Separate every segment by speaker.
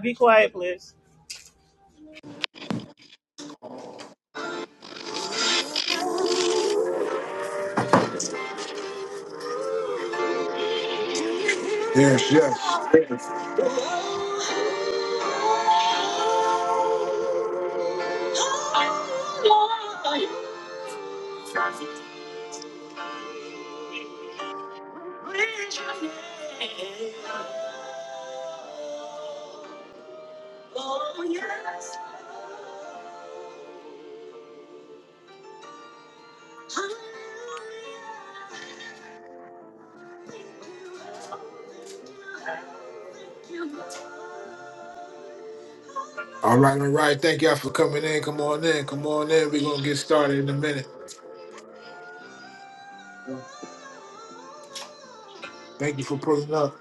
Speaker 1: Be quiet, please.
Speaker 2: Yes, yes. All right, all right. Thank y'all for coming in. Come on in. Come on in. We're gonna get started in a minute. Thank you for pulling up.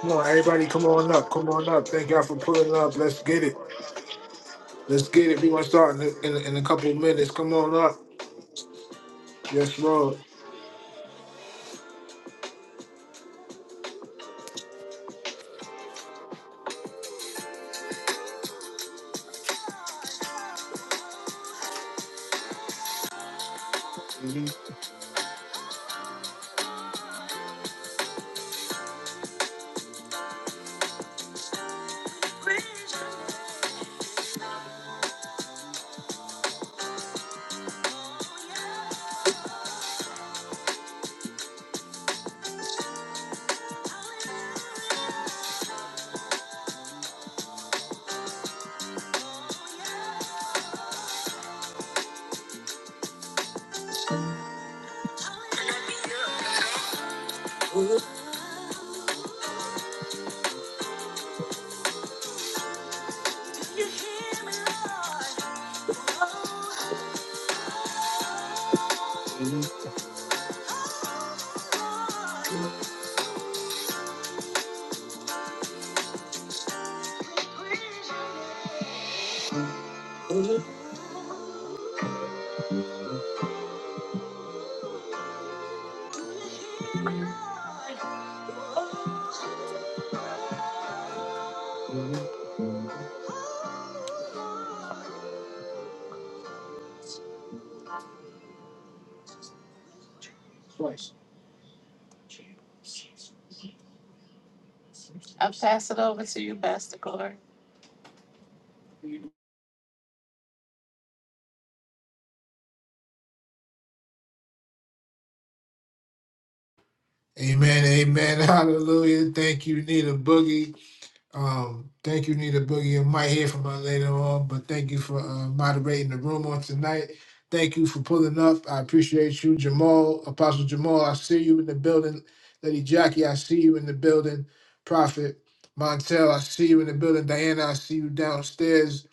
Speaker 2: Come on, everybody, come on up. Come on up. Thank y'all for pulling up. Let's get it. Let's get it. We're gonna start in a, in a, in a couple of minutes. Come on up. Yes, Lord.
Speaker 1: Obsessed.
Speaker 2: Amen. Amen. Hallelujah. Thank you, Nina Boogie. Um, thank you, Nita Boogie. I might hear from her later on, but thank you for uh, moderating the room on tonight. Thank you for pulling up. I appreciate you, Jamal, Apostle Jamal. I see you in the building. Lady Jackie, I see you in the building. Prophet Montel, I see you in the building. Diana, I see you downstairs.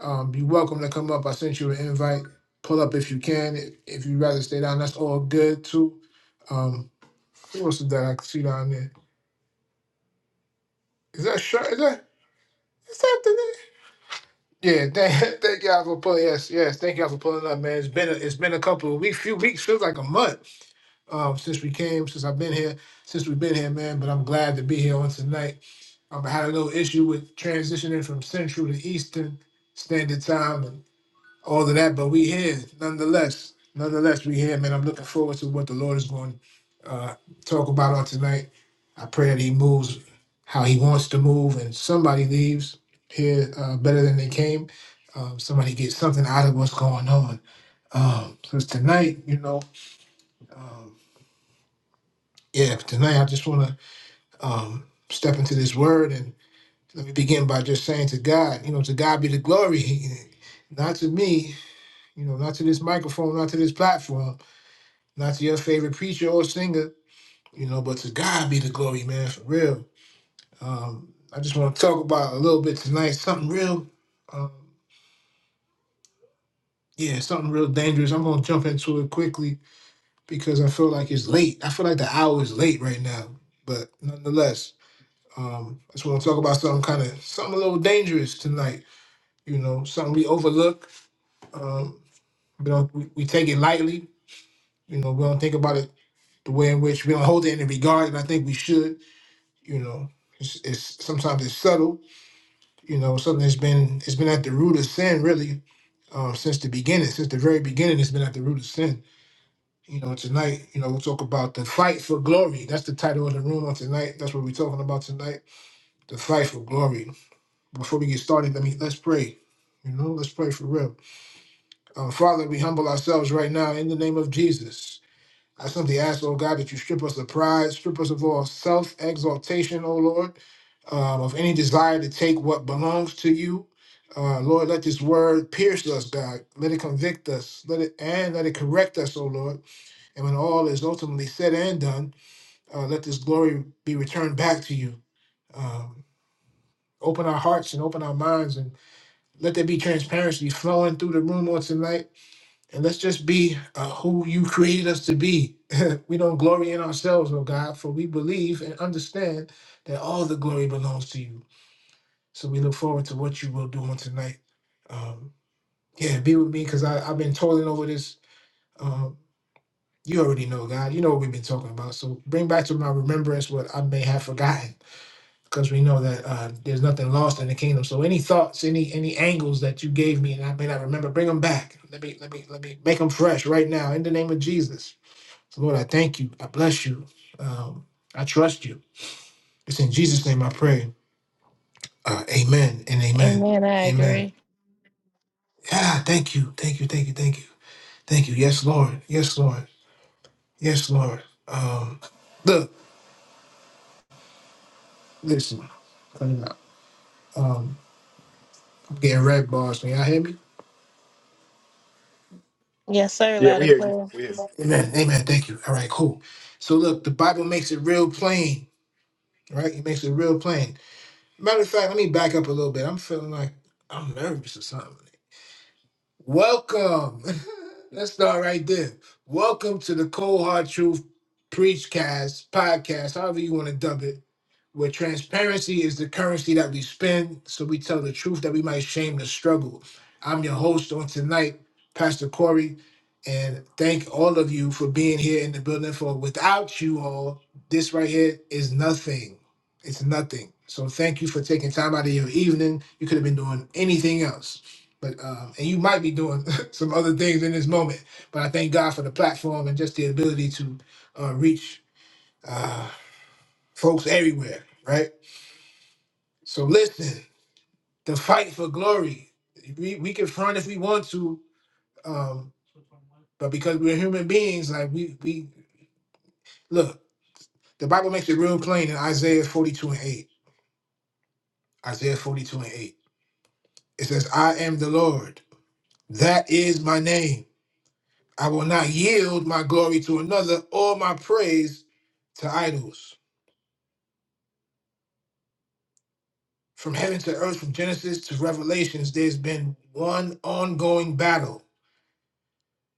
Speaker 2: Um, you're welcome to come up. I sent you an invite. Pull up if you can. If if you'd rather stay down, that's all good too. Um, who else is that I can see down there? Is that Shar? Is that is that the nigga? Yeah, thank, thank y'all for pulling. Yes, yes, thank y'all for pulling up, man. It's been a, it's been a couple of weeks, few weeks, feels like a month um, since we came, since I've been here, since we've been here, man. But I'm glad to be here on tonight. Um, I had a little issue with transitioning from Central to Eastern Standard Time, all of that, but we here nonetheless. Nonetheless, we here, man. I'm looking forward to what the Lord is going to uh, talk about on tonight. I pray that He moves how He wants to move, and somebody leaves here uh, better than they came. Um, somebody gets something out of what's going on. Um, so it's tonight, you know, um, yeah, tonight I just want to um, step into this word and let me begin by just saying to God, you know, to God be the glory, not to me, you know, not to this microphone, not to this platform Not to your favorite preacher or singer, you know, but to God be the glory, man, for real. Um, I just want to talk about a little bit tonight, something real, um, yeah, something real dangerous. I'm gonna jump into it quickly because I feel like it's late. I feel like the hour is late right now, but nonetheless, um, I just want to talk about something kind of something a little dangerous tonight. You know, something we overlook. Um, we do we, we take it lightly. You know, we don't think about it the way in which we don't hold it in regard, and I think we should. you know it's, it's sometimes it's subtle you know something that's been it's been at the root of sin really um, since the beginning since the very beginning it's been at the root of sin you know tonight you know we'll talk about the fight for glory that's the title of the room on tonight that's what we're talking about tonight the fight for glory before we get started let me let's pray you know let's pray for real uh, father we humble ourselves right now in the name of jesus I simply ask, oh God, that you strip us of pride, strip us of all self exaltation, oh Lord, um, of any desire to take what belongs to you. Uh, Lord, let this word pierce us, God. Let it convict us. Let it and let it correct us, O Lord. And when all is ultimately said and done, uh, let this glory be returned back to you. Um, open our hearts and open our minds, and let there be transparency flowing through the room on tonight and let's just be uh, who you created us to be. we don't glory in ourselves, oh God, for we believe and understand that all the glory belongs to you. So we look forward to what you will do on tonight. Um, yeah, be with me because I've been toiling over this. Um, you already know, God. You know what we've been talking about. So bring back to my remembrance what I may have forgotten because we know that uh, there's nothing lost in the kingdom. So any thoughts, any any angles that you gave me and I may not remember, bring them back. Let me let me let me make them fresh right now in the name of Jesus. So, Lord, I thank you. I bless you. Um, I trust you. It's in Jesus' name I pray. Uh, amen and amen.
Speaker 1: Amen. I
Speaker 2: Amen.
Speaker 1: agree.
Speaker 2: Yeah, thank you. Thank you. Thank you. Thank you. Thank you. Yes, Lord. Yes, Lord. Yes, Lord. Um, look, listen. Um, I'm getting red bars. Can y'all hear me?
Speaker 1: Yes, sir.
Speaker 3: Yeah,
Speaker 1: Loud
Speaker 3: we
Speaker 1: and
Speaker 3: hear you.
Speaker 1: clear.
Speaker 3: We hear you.
Speaker 2: Amen. Amen. Thank you. All right, cool. So look, the Bible makes it real plain, right? It makes it real plain. Matter of fact, let me back up a little bit. I'm feeling like I'm nervous or something. Welcome. Let's start right there. Welcome to the Cold Hard Truth Preachcast podcast, however you want to dub it where transparency is the currency that we spend, so we tell the truth that we might shame the struggle. I'm your host on tonight, Pastor Corey, and thank all of you for being here in the building. For without you all, this right here is nothing. It's nothing. So thank you for taking time out of your evening. You could have been doing anything else. But um, and you might be doing some other things in this moment, but I thank God for the platform and just the ability to uh, reach uh, folks everywhere, right? So listen, the fight for glory. We we can front if we want to, um, but because we're human beings, like we we look, the Bible makes it real plain in Isaiah 42 and 8. Isaiah 42 and 8. It says, I am the Lord. That is my name. I will not yield my glory to another or my praise to idols. From heaven to earth, from Genesis to Revelations, there's been one ongoing battle.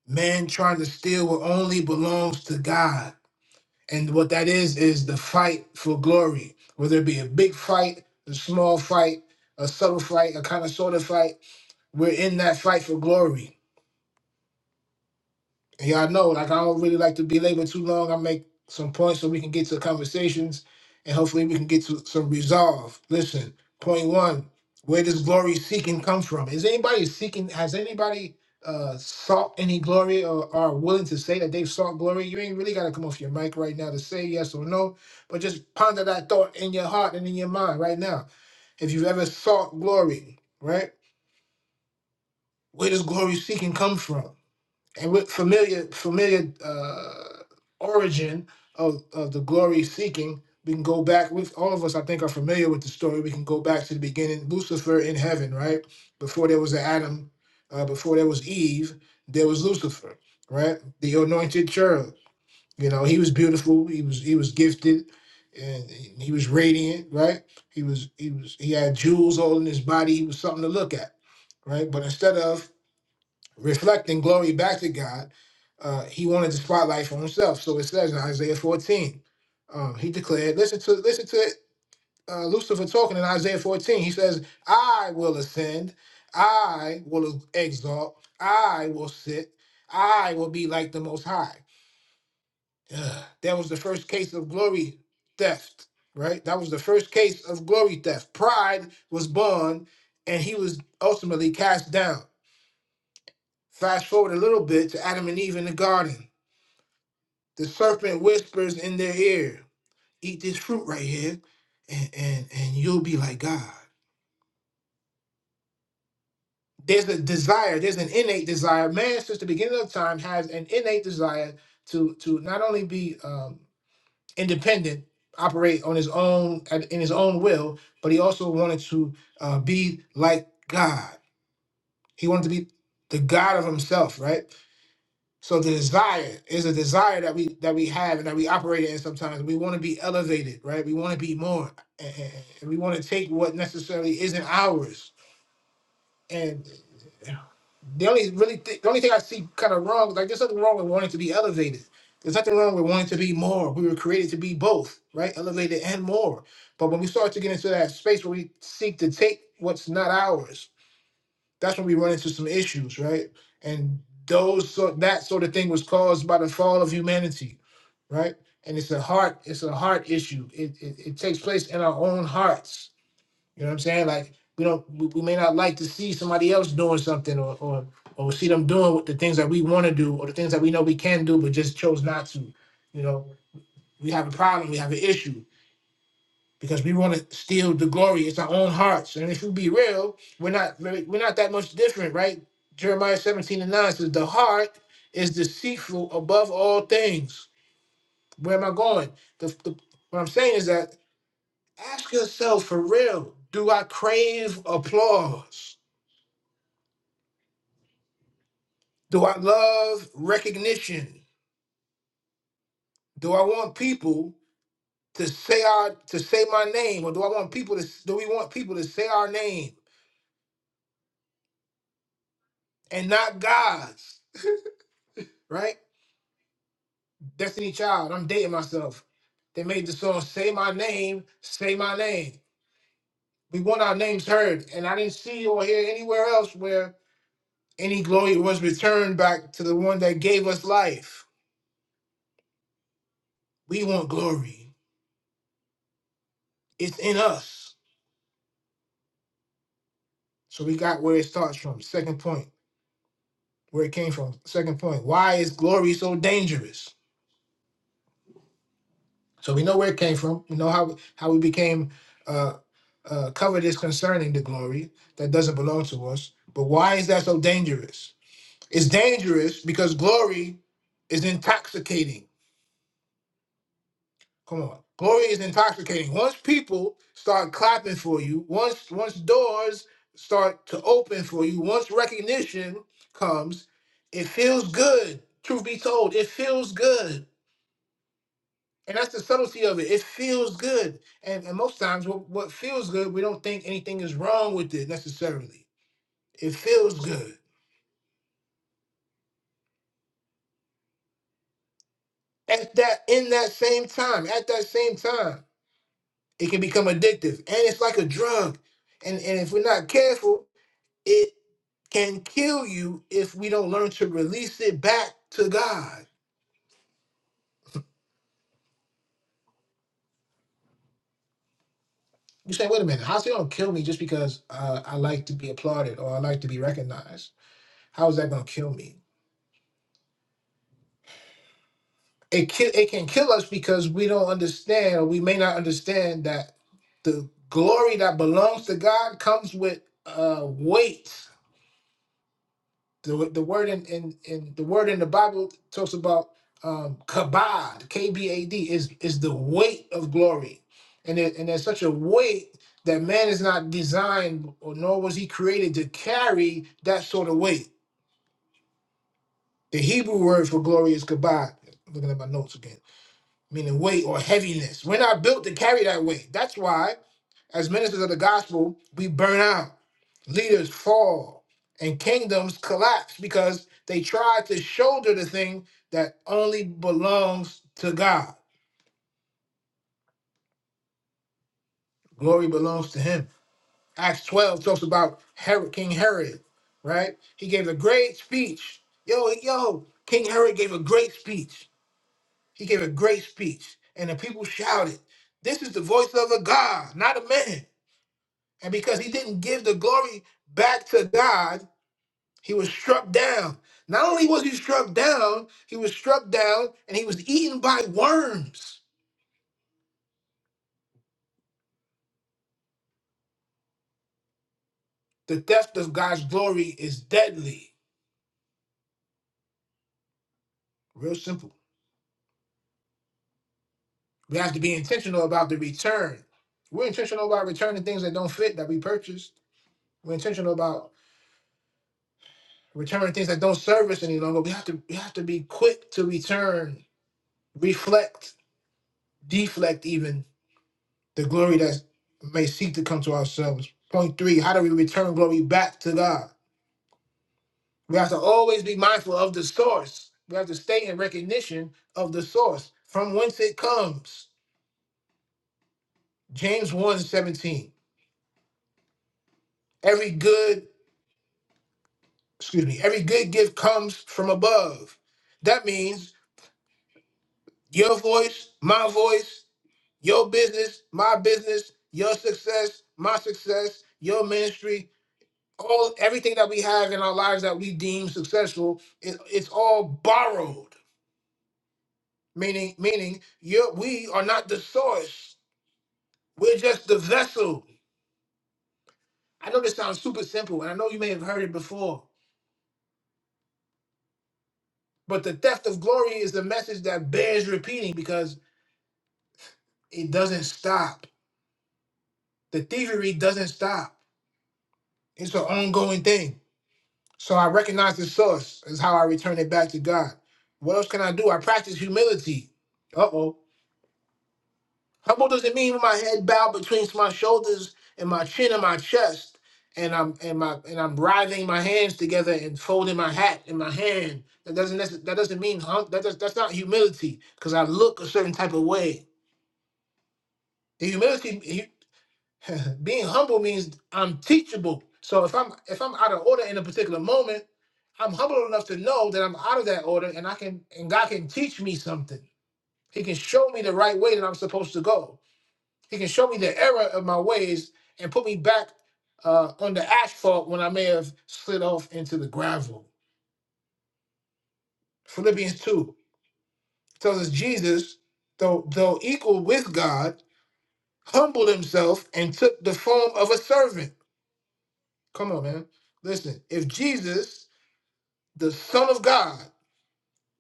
Speaker 2: Man trying to steal what only belongs to God And what that is, is the fight for glory, whether it be a big fight, a small fight, a subtle fight, a kind of sort of fight. We're in that fight for glory yeah, I know. Like I don't really like to belabor too long. I make some points so we can get to conversations and hopefully we can get to some resolve. Listen, point one, where does glory seeking come from? Is anybody seeking has anybody uh sought any glory or are willing to say that they've sought glory? You ain't really gotta come off your mic right now to say yes or no, but just ponder that thought in your heart and in your mind right now. If you've ever sought glory, right? Where does glory seeking come from? and with familiar familiar uh, origin of, of the glory seeking we can go back with all of us i think are familiar with the story we can go back to the beginning lucifer in heaven right before there was adam uh, before there was eve there was lucifer right the anointed cherub you know he was beautiful he was he was gifted and he was radiant right he was he was he had jewels all in his body he was something to look at right but instead of reflecting glory back to God, uh, he wanted the spotlight for himself. So it says in Isaiah 14, um, he declared, listen to listen to uh, Lucifer talking in Isaiah 14. He says, "I will ascend, I will exalt, I will sit, I will be like the Most High." Ugh. That was the first case of glory theft, right? That was the first case of glory theft. Pride was born, and he was ultimately cast down. Fast forward a little bit to Adam and Eve in the garden. The serpent whispers in their ear, Eat this fruit right here, and, and, and you'll be like God. There's a desire, there's an innate desire. Man, since the beginning of time, has an innate desire to, to not only be um, independent, operate on his own, at- in his own will, but he also wanted to uh, be like God. He wanted to be the God of himself, right? So the desire is a desire that we that we have and that we operate in sometimes. We want to be elevated, right? We want to be more. And and- we want to take what necessarily isn't ours. And the only really th- the only thing I see kind of wrong, like there's nothing wrong with wanting to be elevated. There's nothing wrong with wanting to be more. We were created to be both, right? Elevated and more. But when we start to get into that space where we seek to take what's not ours, that's when we run into some issues, right? And those so that sort of thing was caused by the fall of humanity, right? And it's a heart, it's a heart issue. It it, it takes place in our own hearts. You know what I'm saying? Like we don't we, we may not like to see somebody else doing something or or or see them doing what the things that we want to do or the things that we know we can do but just chose not to. You know, we have a problem, we have an issue because we want to steal the glory. It's our own hearts. And if you be real, we're not very- we're not that much different, right? Jeremiah 17 and 9 says, the heart is deceitful above all things. Where am I going? The, the, what I'm saying is that ask yourself for real, do I crave applause? Do I love recognition? Do I want people to say our to say my name? Or do I want people to do we want people to say our name and not God's? Right? Destiny Child, I'm dating myself. They made the song Say My Name, Say My Name. We want our names heard. And I didn't see or hear anywhere else where any glory was returned back to the one that gave us life. We want glory. It's in us. So we got where it starts from. Second point, where it came from. Second point, why is glory so dangerous? So we know where it came from. We know how how we became uh, uh, covetous concerning the glory that doesn't belong to us. But why is that so dangerous? It's dangerous because glory is intoxicating. Come on. Glory is intoxicating. Once people start clapping for you, once once doors start to open for you, once recognition comes, it feels good. Truth be told, it feels good. And that's the subtlety of it. It feels good. And, and most times what, what feels good, we don't think anything is wrong with it necessarily. It feels good. At that in that same time, at that same time. It can become addictive, and it's like a drug. And and if we're not careful, it can kill you if we don't learn to release it back to God. You say, wait a minute, how's it gonna kill me just because uh, I like to be applauded or I like to be recognized? How is that gonna kill me? It ki- it can kill us because we don't understand, or we may not understand that the glory that belongs to God comes with uh, weight The, the word in, in, in the word in the Bible talks about um, kabod, K B A D, is is the weight of glory, and it, and there's such a weight that man is not designed or nor was he created to carry that sort of weight. The Hebrew word for glory is kabod. Looking at my notes again meaning weight or heaviness. We're not built to carry that weight. That's why, as ministers of the gospel, we burn out, leaders fall, and kingdoms collapse because they try to shoulder the thing that only belongs to God. Glory belongs to Him. Acts 12 talks about Herod, King Herod, right? He gave a great speech. Yo, yo, King Herod gave a great speech. He gave a great speech, and the people shouted, This is the voice of a God, not a man. And because he didn't give the glory back to God, he was struck down. Not only was he struck down, he was struck down and he was eaten by worms. The theft of God's glory is deadly. Real simple. We have to be intentional about the return. We're intentional about returning things that don't fit that we purchased. We're intentional about returning things that don't serve us any longer. We have to we have to be quick to return, reflect, deflect even the glory that may seek to come to ourselves. Point three, how do we return glory back to God? We have to always be mindful of the source. We have to stay in recognition of the source from whence it comes. James one seventeen: Every good, excuse me, every good gift comes from above. That means your voice, my voice, your business, my business, your success, my success, your ministry. all everything that we have in our lives that we deem successful it, it's all borrowed meaning meaning you we are not the source we're just the vessel i know this sounds super simple and i know you may have heard it before but the theft of glory is the message that bears repeating because it doesn't stop the thievery doesn't stop it's an ongoing thing so i recognize the source is how i return it back to god what else can i do i practice humility uh-oh Humble doesn't mean with my head bowed between my shoulders and my chin and my chest, and I'm and my and I'm writhing my hands together and folding my hat in my hand. That doesn't necess- that doesn't mean hum- that does, that's not humility because I look a certain type of way. The humility hu- being humble means I'm teachable. So if I'm if I'm out of order in a particular moment, I'm humble enough to know that I'm out of that order and I can and God can teach me something. He can show me the right way that I'm supposed to go. He can show me the error of my ways and put me back uh, on the asphalt when I may have slid off into the gravel. Philippians 2 tells us Jesus, though, though equal with God, humbled himself and took the form of a servant. Come on, man. Listen, if Jesus, the Son of God,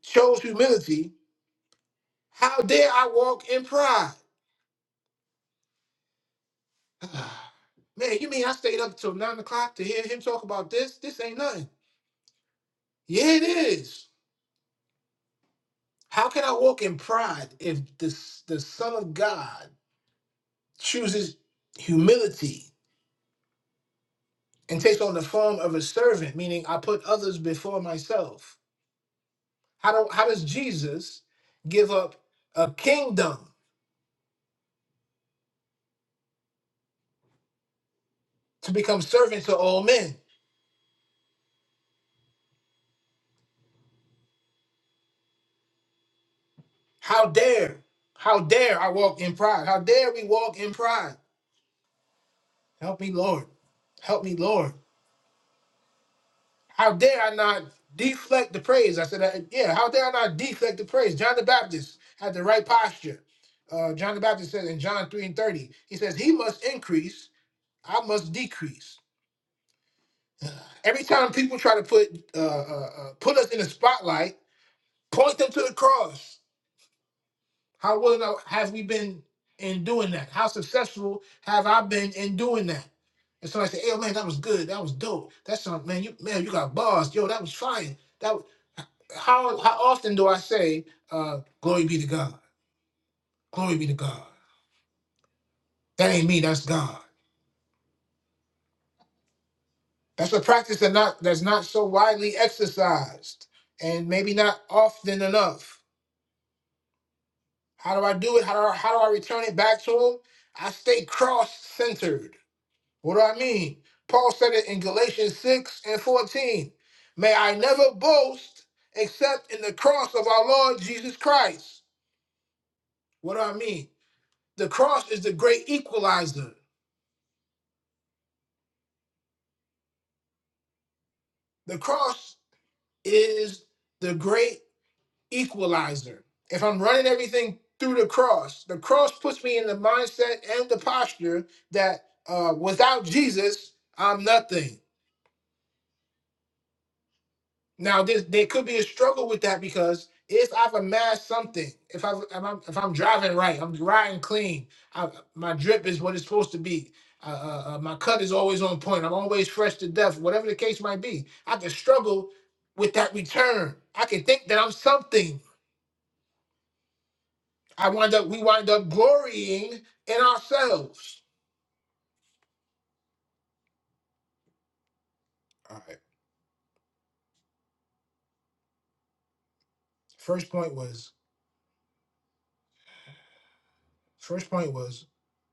Speaker 2: chose humility, how dare I walk in pride? man, you mean I stayed up till nine o'clock to hear him talk about this? This ain't nothing. Yeah, it is. How can I walk in pride if the, the Son of God chooses humility and takes on the form of a servant, meaning I put others before myself? How, do, how does Jesus give up a kingdom to become servant to all men? How dare, how dare I walk in pride? How dare we walk in pride? Help me, Lord. Help me, Lord. How dare I not deflect the praise? I said, uh, yeah, how dare I not deflect the praise? John the Baptist had the right posture. Uh, John the Baptist said in John 3 and 30, he says, He must increase, I must decrease. Every time people try to put uh, uh, uh, put us in the spotlight, point them to the cross. How willing are- have we been in doing that? How successful have I been in doing that? And somebody say, "Hey, man, that was good. That was dope. That's something, man. You man, you got bars. Yo, that was fire. That was, how how often do I say, uh, glory be to God, glory be to God? That ain't me. That's God. That's a practice that not that's not so widely exercised, and maybe not often enough. How do I do it? How do I, how do I return it back to Him? I stay cross centered. What do I mean? Paul said it in Galatians 6 and 14. May I never boast except in the cross of our Lord Jesus Christ. What do I mean? The cross is the great equalizer. The cross is the great equalizer. If I'm running everything through the cross, the cross puts me in the mindset and the posture that uh, without Jesus, I'm nothing. Now, there, there could be a struggle with that because if I've amassed something, if I if I'm, if I'm driving right, I'm riding clean, I, my drip is what it's supposed to be. Uh, uh, uh, my cut is always on point. I'm always fresh to death, whatever the case might be. I can struggle with that return. I can think that I'm something. I wind up we wind up glorying in ourselves. All right. First point was first point was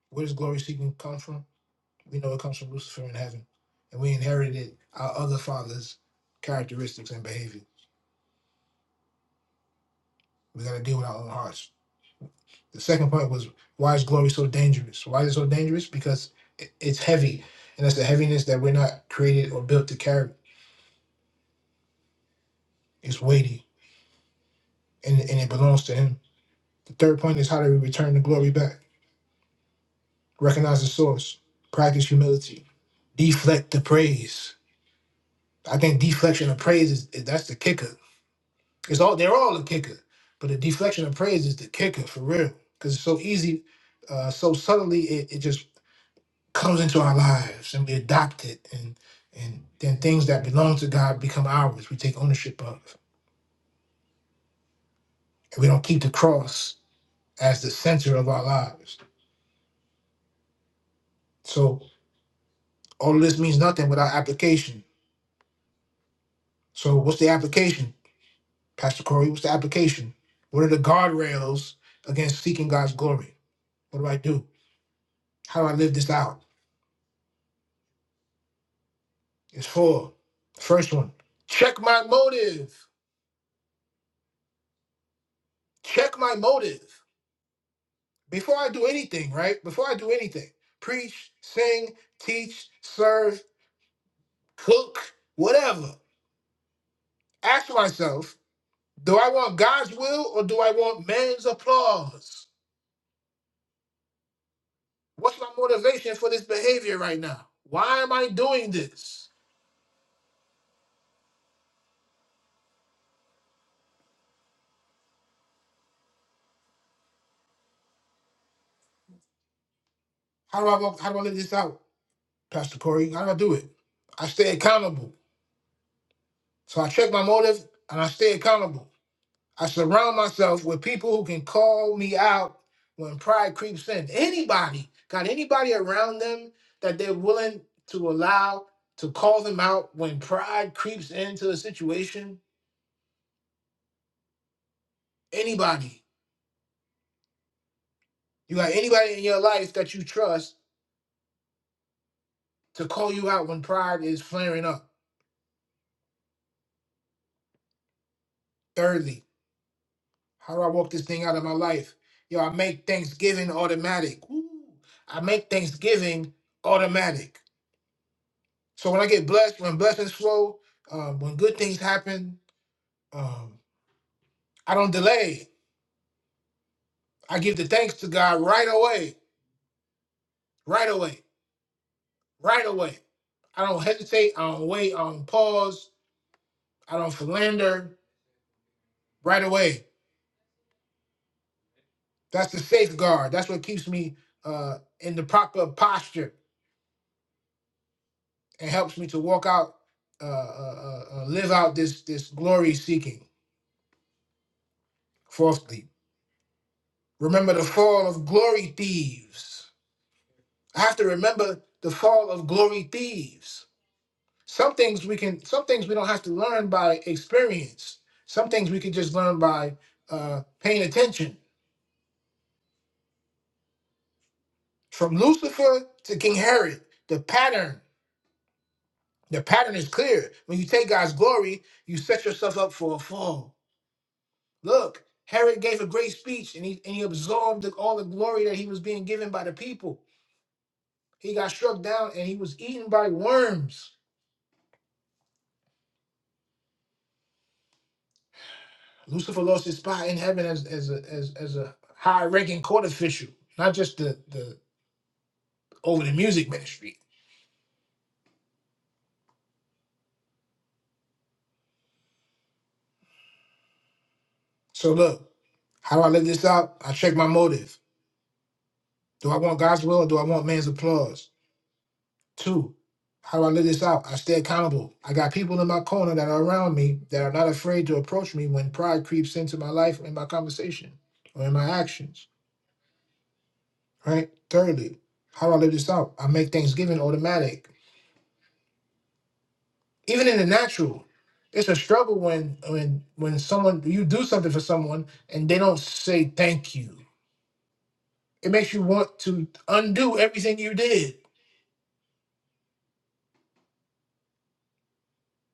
Speaker 2: where does glory seeking come from? We know it comes from Lucifer in heaven, and we inherited our other father's characteristics and behavior. We got to deal with our own hearts. The second point was why is glory so dangerous? Why is it so dangerous? Because it- it's heavy, and that's the heaviness that we're not created or built to carry. It's weighty, and, and it belongs to Him. The third point is how do we return the glory back? Recognize the source, practice humility, deflect the praise. I think deflection of praise is is- that's the kicker It's all they're all a kicker, but the deflection of praise is the kicker for real because it's so easy, uh, so subtly it, it just comes into our lives and we adopt it, and and then things that belong to God become ours. We take ownership of, and we don't keep the cross as the center of our lives. So all of this means nothing without application. So what's the application, Pastor Corey? What's the application? What are the guardrails against seeking God's glory? What do I do? How do I live this out? It's four. First one. Check my motive. Check my motive. Before I do anything, right? Before I do anything, preach, sing, teach, serve, cook, whatever. Ask myself, do I want God's will or do I want man's applause? What's my motivation for this behavior right now? Why am I doing this? How do I walk, how do I live this out, Pastor Corey? How do I do it? I stay accountable. So I check my motive and I stay accountable. I surround myself with people who can call me out when pride creeps in. Anybody got anybody around them that they're willing to allow to call them out when pride creeps into a situation? Anybody. You got anybody in your life that you trust to call you out when pride is flaring up? Thirdly, how do I walk this thing out of my life? Yo, I make Thanksgiving automatic. Woo. I make Thanksgiving automatic. So when I get blessed, when blessings flow, um, when good things happen, um, I don't delay. I give the thanks to God right away, right away, right away. I don't hesitate. I don't wait. I don't pause. I don't philander. Right away. That's the safeguard. That's what keeps me uh, in the proper posture and helps me to walk out, uh, uh, uh, uh, live out this this glory seeking. Fourthly, remember the fall of glory thieves. I have to remember the fall of glory thieves. Some things we can, some things we don't have to learn by experience. Some things we can just learn by uh, paying attention. From Lucifer to King Herod, the pattern, the pattern is clear. When you take God's glory, you set yourself up for a fall. Look, Herod gave a great speech and he and he absorbed the- all the glory that he was being given by the people. He got struck down and he was eaten by worms. Lucifer lost his spot in heaven as as a as, as a high ranking court official, not just the the over the music ministry. So look, how do I live this out? I check my motive. Do I want God's will or do I want man's applause? Two, how do I live this out? I stay accountable. I got people in my corner that are around me that are not afraid to approach me when pride creeps into my life or in my conversation or in my actions. Right? Thirdly, how do I live this out? I make Thanksgiving automatic. Even in the natural, it's a struggle when when when someone you do something for someone and they don't say thank you. It makes you want to undo everything you did.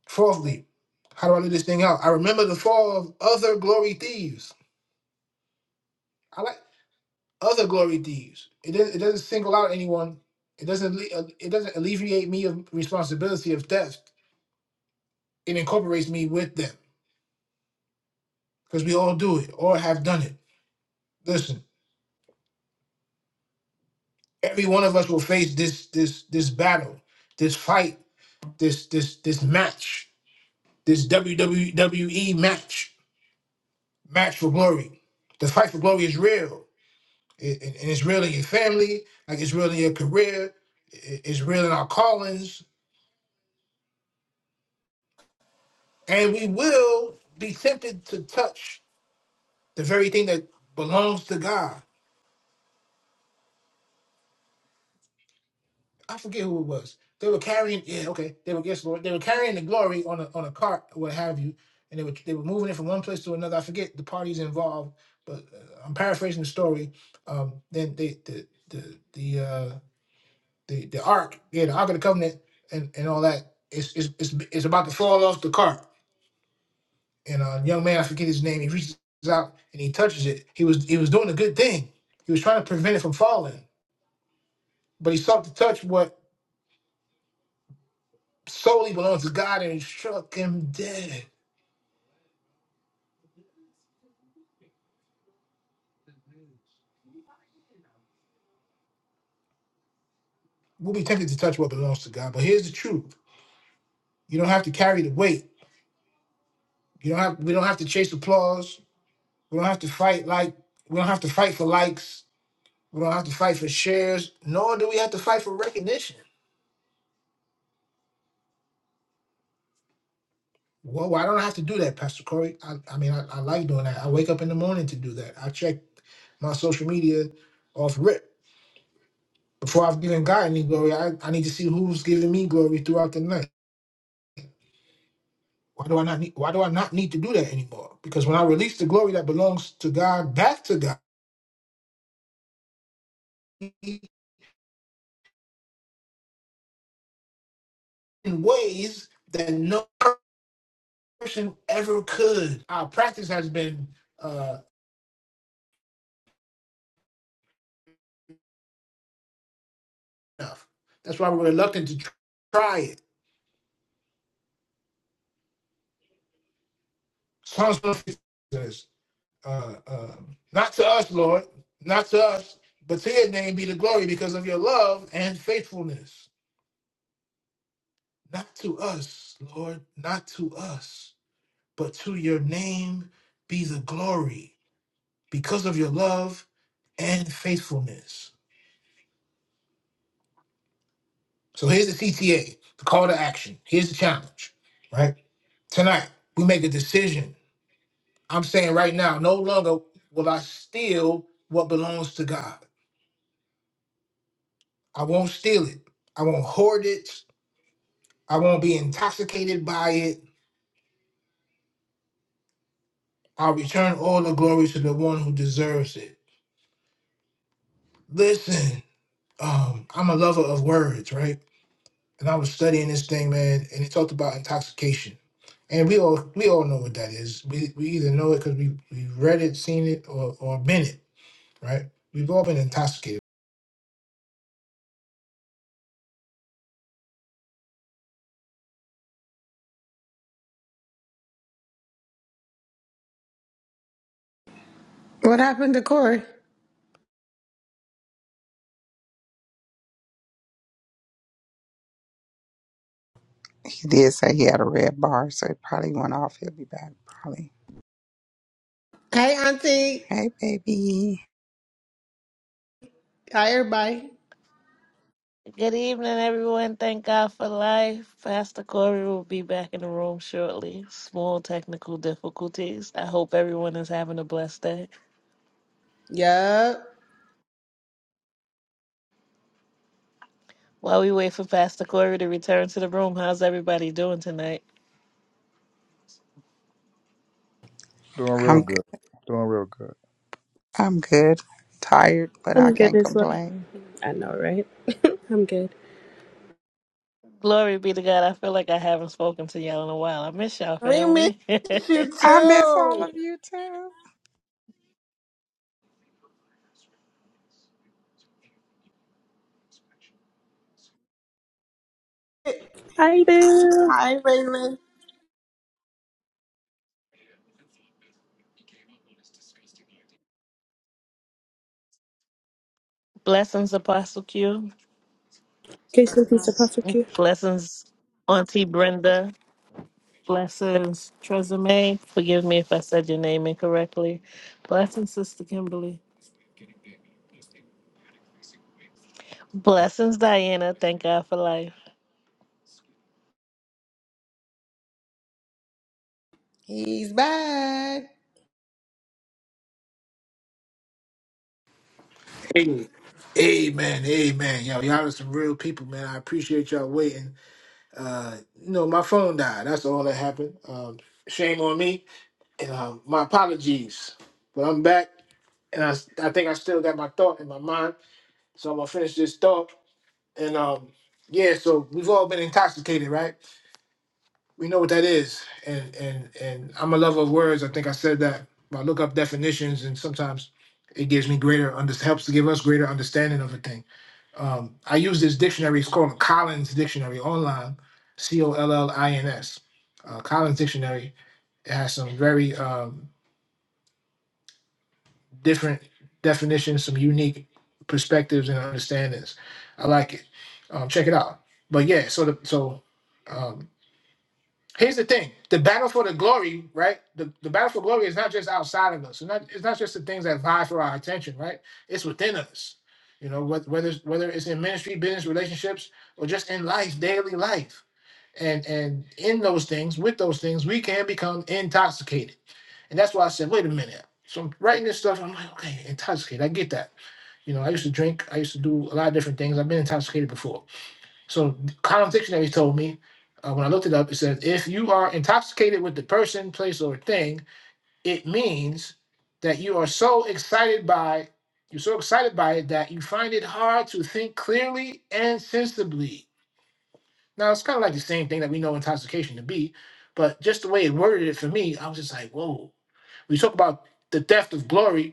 Speaker 2: Fourthly, how do I leave this thing out? I remember the fall of other glory thieves. I like other glory thieves. It doesn't, it doesn't single out anyone. It doesn't alle- uh, it doesn't alleviate me of responsibility of theft. It incorporates me with them because we all do it or have done it. Listen. Every one of us will face this this this battle, this fight, this this this match, this WWE match, match for glory. The fight for glory is real, It- it- and it's real in your family, like it's real in your career, it- it's real in our callings, and we will be tempted to touch the very thing that belongs to God. I forget who it was. They were carrying, yeah, okay. They were yes, Lord. They were carrying the glory on a on a cart, or what have you, and they were they were moving it from one place to another. I forget the parties involved, but uh, I'm paraphrasing the story. Um, then they the the the uh, the the ark, yeah, the ark of the covenant, and and all that. It's it's it's, it's about to fall off the cart, and uh, young man, I forget his name. He reaches out and he touches it. He was he was doing a good thing. He was trying to prevent it from falling, but he sought to touch what solely belongs to God and he struck him dead. We'll be tempted to touch what belongs to God, but here's the truth. You don't have to carry the weight. You don't have we don't have to chase applause. We don't have to fight like we don't have to fight for likes. We don't have to fight for shares, nor do we have to fight for recognition. Well, I don't I have to do that, Pastor Corey. I, I mean, I, I like doing that. I wake up in the morning to do that. I check my social media off rip before I've given God any glory. I, I need to see who's giving me glory throughout the night. Why do I not need why do I not need to do that anymore? Because when I release the glory that belongs to God back to God in ways that no person ever could. Our practice has been uh enough. That's why we're reluctant to tr- try it. Psalms 150 says, uh, uh, not to us, Lord, not to us, but to your name be the glory because of your love and faithfulness. Not to us, Lord, not to us, but to your name be the glory because of your love and faithfulness. So here's the CTA, the call to action. Here's the challenge, right? Tonight, we make a decision. I'm saying right now, no longer will I steal what belongs to God. I won't steal it. I won't hoard it. I won't be intoxicated by it. I'll return all the glory to the one who deserves it. Listen, um, I'm a lover of words, right? and I was studying this thing, man, and it talked about intoxication. And we all we all know what that is. We we either know it because we we read it, seen it, or or been it, right? We've all been intoxicated.
Speaker 4: What happened to Corey?
Speaker 5: He did say he had a red bar, so it probably went off. He'll be back probably.
Speaker 4: Hey, Auntie.
Speaker 5: Hey baby.
Speaker 4: Hi, everybody.
Speaker 1: Good evening, everyone. Thank God for life. Pastor Corey will be back in the room shortly. Small technical difficulties. I hope everyone is having a blessed day.
Speaker 4: Yup.
Speaker 1: While we wait for Pastor Corey to return to the room, how's everybody doing tonight?
Speaker 3: Doing real
Speaker 5: I'm good.
Speaker 3: good. Doing real good.
Speaker 5: I'm good. Tired, but I
Speaker 6: I'm good
Speaker 5: can't
Speaker 6: as well.
Speaker 5: complain.
Speaker 6: I know, right? I'm good.
Speaker 1: Glory be to God. I feel like I haven't spoken to y'all in a while. I miss y'all,
Speaker 4: We miss
Speaker 1: family.
Speaker 4: you
Speaker 5: I miss all
Speaker 4: too.
Speaker 5: of you too.
Speaker 6: Hi there.
Speaker 4: Hi, Raymond.
Speaker 1: Blessings, Apostle Q.
Speaker 6: Grace and peace to perfect you.
Speaker 1: Blessings, Auntie Brenda. Blessings, Tresemme. Forgive me if I said your name incorrectly. Blessings, Sister Kimberly. Blessings, Diana. Thank God for life.
Speaker 4: He's back.
Speaker 2: Hey. Amen, amen. Yo, y'all are some real people, man. I appreciate y'all waiting. Uh, you know, my phone died. That's all that happened. Um, shame on me. And um, my apologies. But I'm back and I, I think I still got my thought in my mind. So I'm gonna finish this thought And um, yeah, so we've all been intoxicated, right? We know what that is. And and and I'm a lover of words. I think I said that. I look up definitions, and sometimes it gives me greater under helps to give us greater understanding of a thing. Um, I use this dictionary. It's called a Collins Dictionary online, C O L L I N S. Uh, Collins Dictionary. It has some very um, different definitions, some unique perspectives and understandings. I like it. Um, check it out. But yeah, so the so. um, Here's the thing: the battle for the glory, right? The, the battle for glory is not just outside of us. It's not, it's not just the things that vie for our attention, right? It's within us. You know, wh- whether it's- whether it's in ministry, business, relationships, or just in life, daily life, and and in those things, with those things, we can become intoxicated. And that's why I said, wait a minute. So I'm writing this stuff. I'm like, okay, intoxicated. I get that. You know, I used to drink. I used to do a lot of different things. I've been intoxicated before. So Collins Dictionary told me uh, when I looked it up, it says if you are intoxicated with the person, place, or thing, it means that you are so excited by you're so excited by it that you find it hard to think clearly and sensibly. Now it's kind of like the same thing that we know intoxication to be, but just the way it worded it for me, I was just like, whoa. We talk about the theft of glory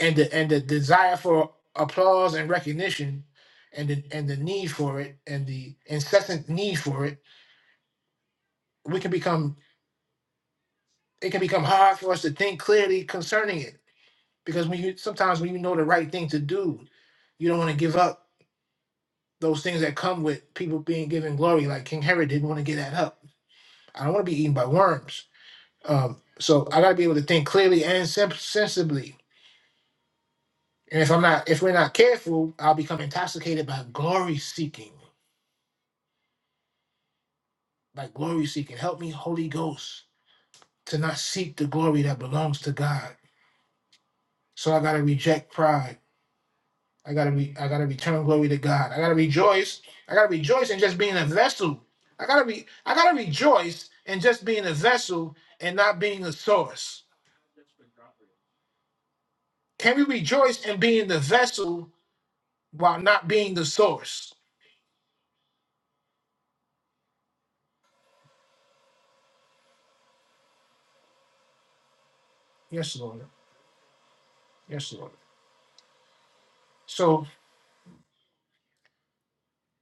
Speaker 2: and the and the desire for applause and recognition and the and the need for it and the incessant need for it we can become it can become hard for us to think clearly concerning it because when you sometimes when you know the right thing to do you don't want to give up those things that come with people being given glory like king herod didn't want to get that up i don't want to be eaten by worms um, so i got to be able to think clearly and sim- sensibly and if i'm not if we're not careful i'll become intoxicated by glory seeking Like glory seeking. Help me, Holy Ghost, to not seek the glory that belongs to God. So I gotta reject pride. I gotta re- I gotta return glory to God. I gotta rejoice. I gotta rejoice in just being a vessel. I gotta be I gotta rejoice in just being a vessel and not being the source. Can we rejoice in being the vessel while not being the source? Yes, Lord. Yes, Lord. So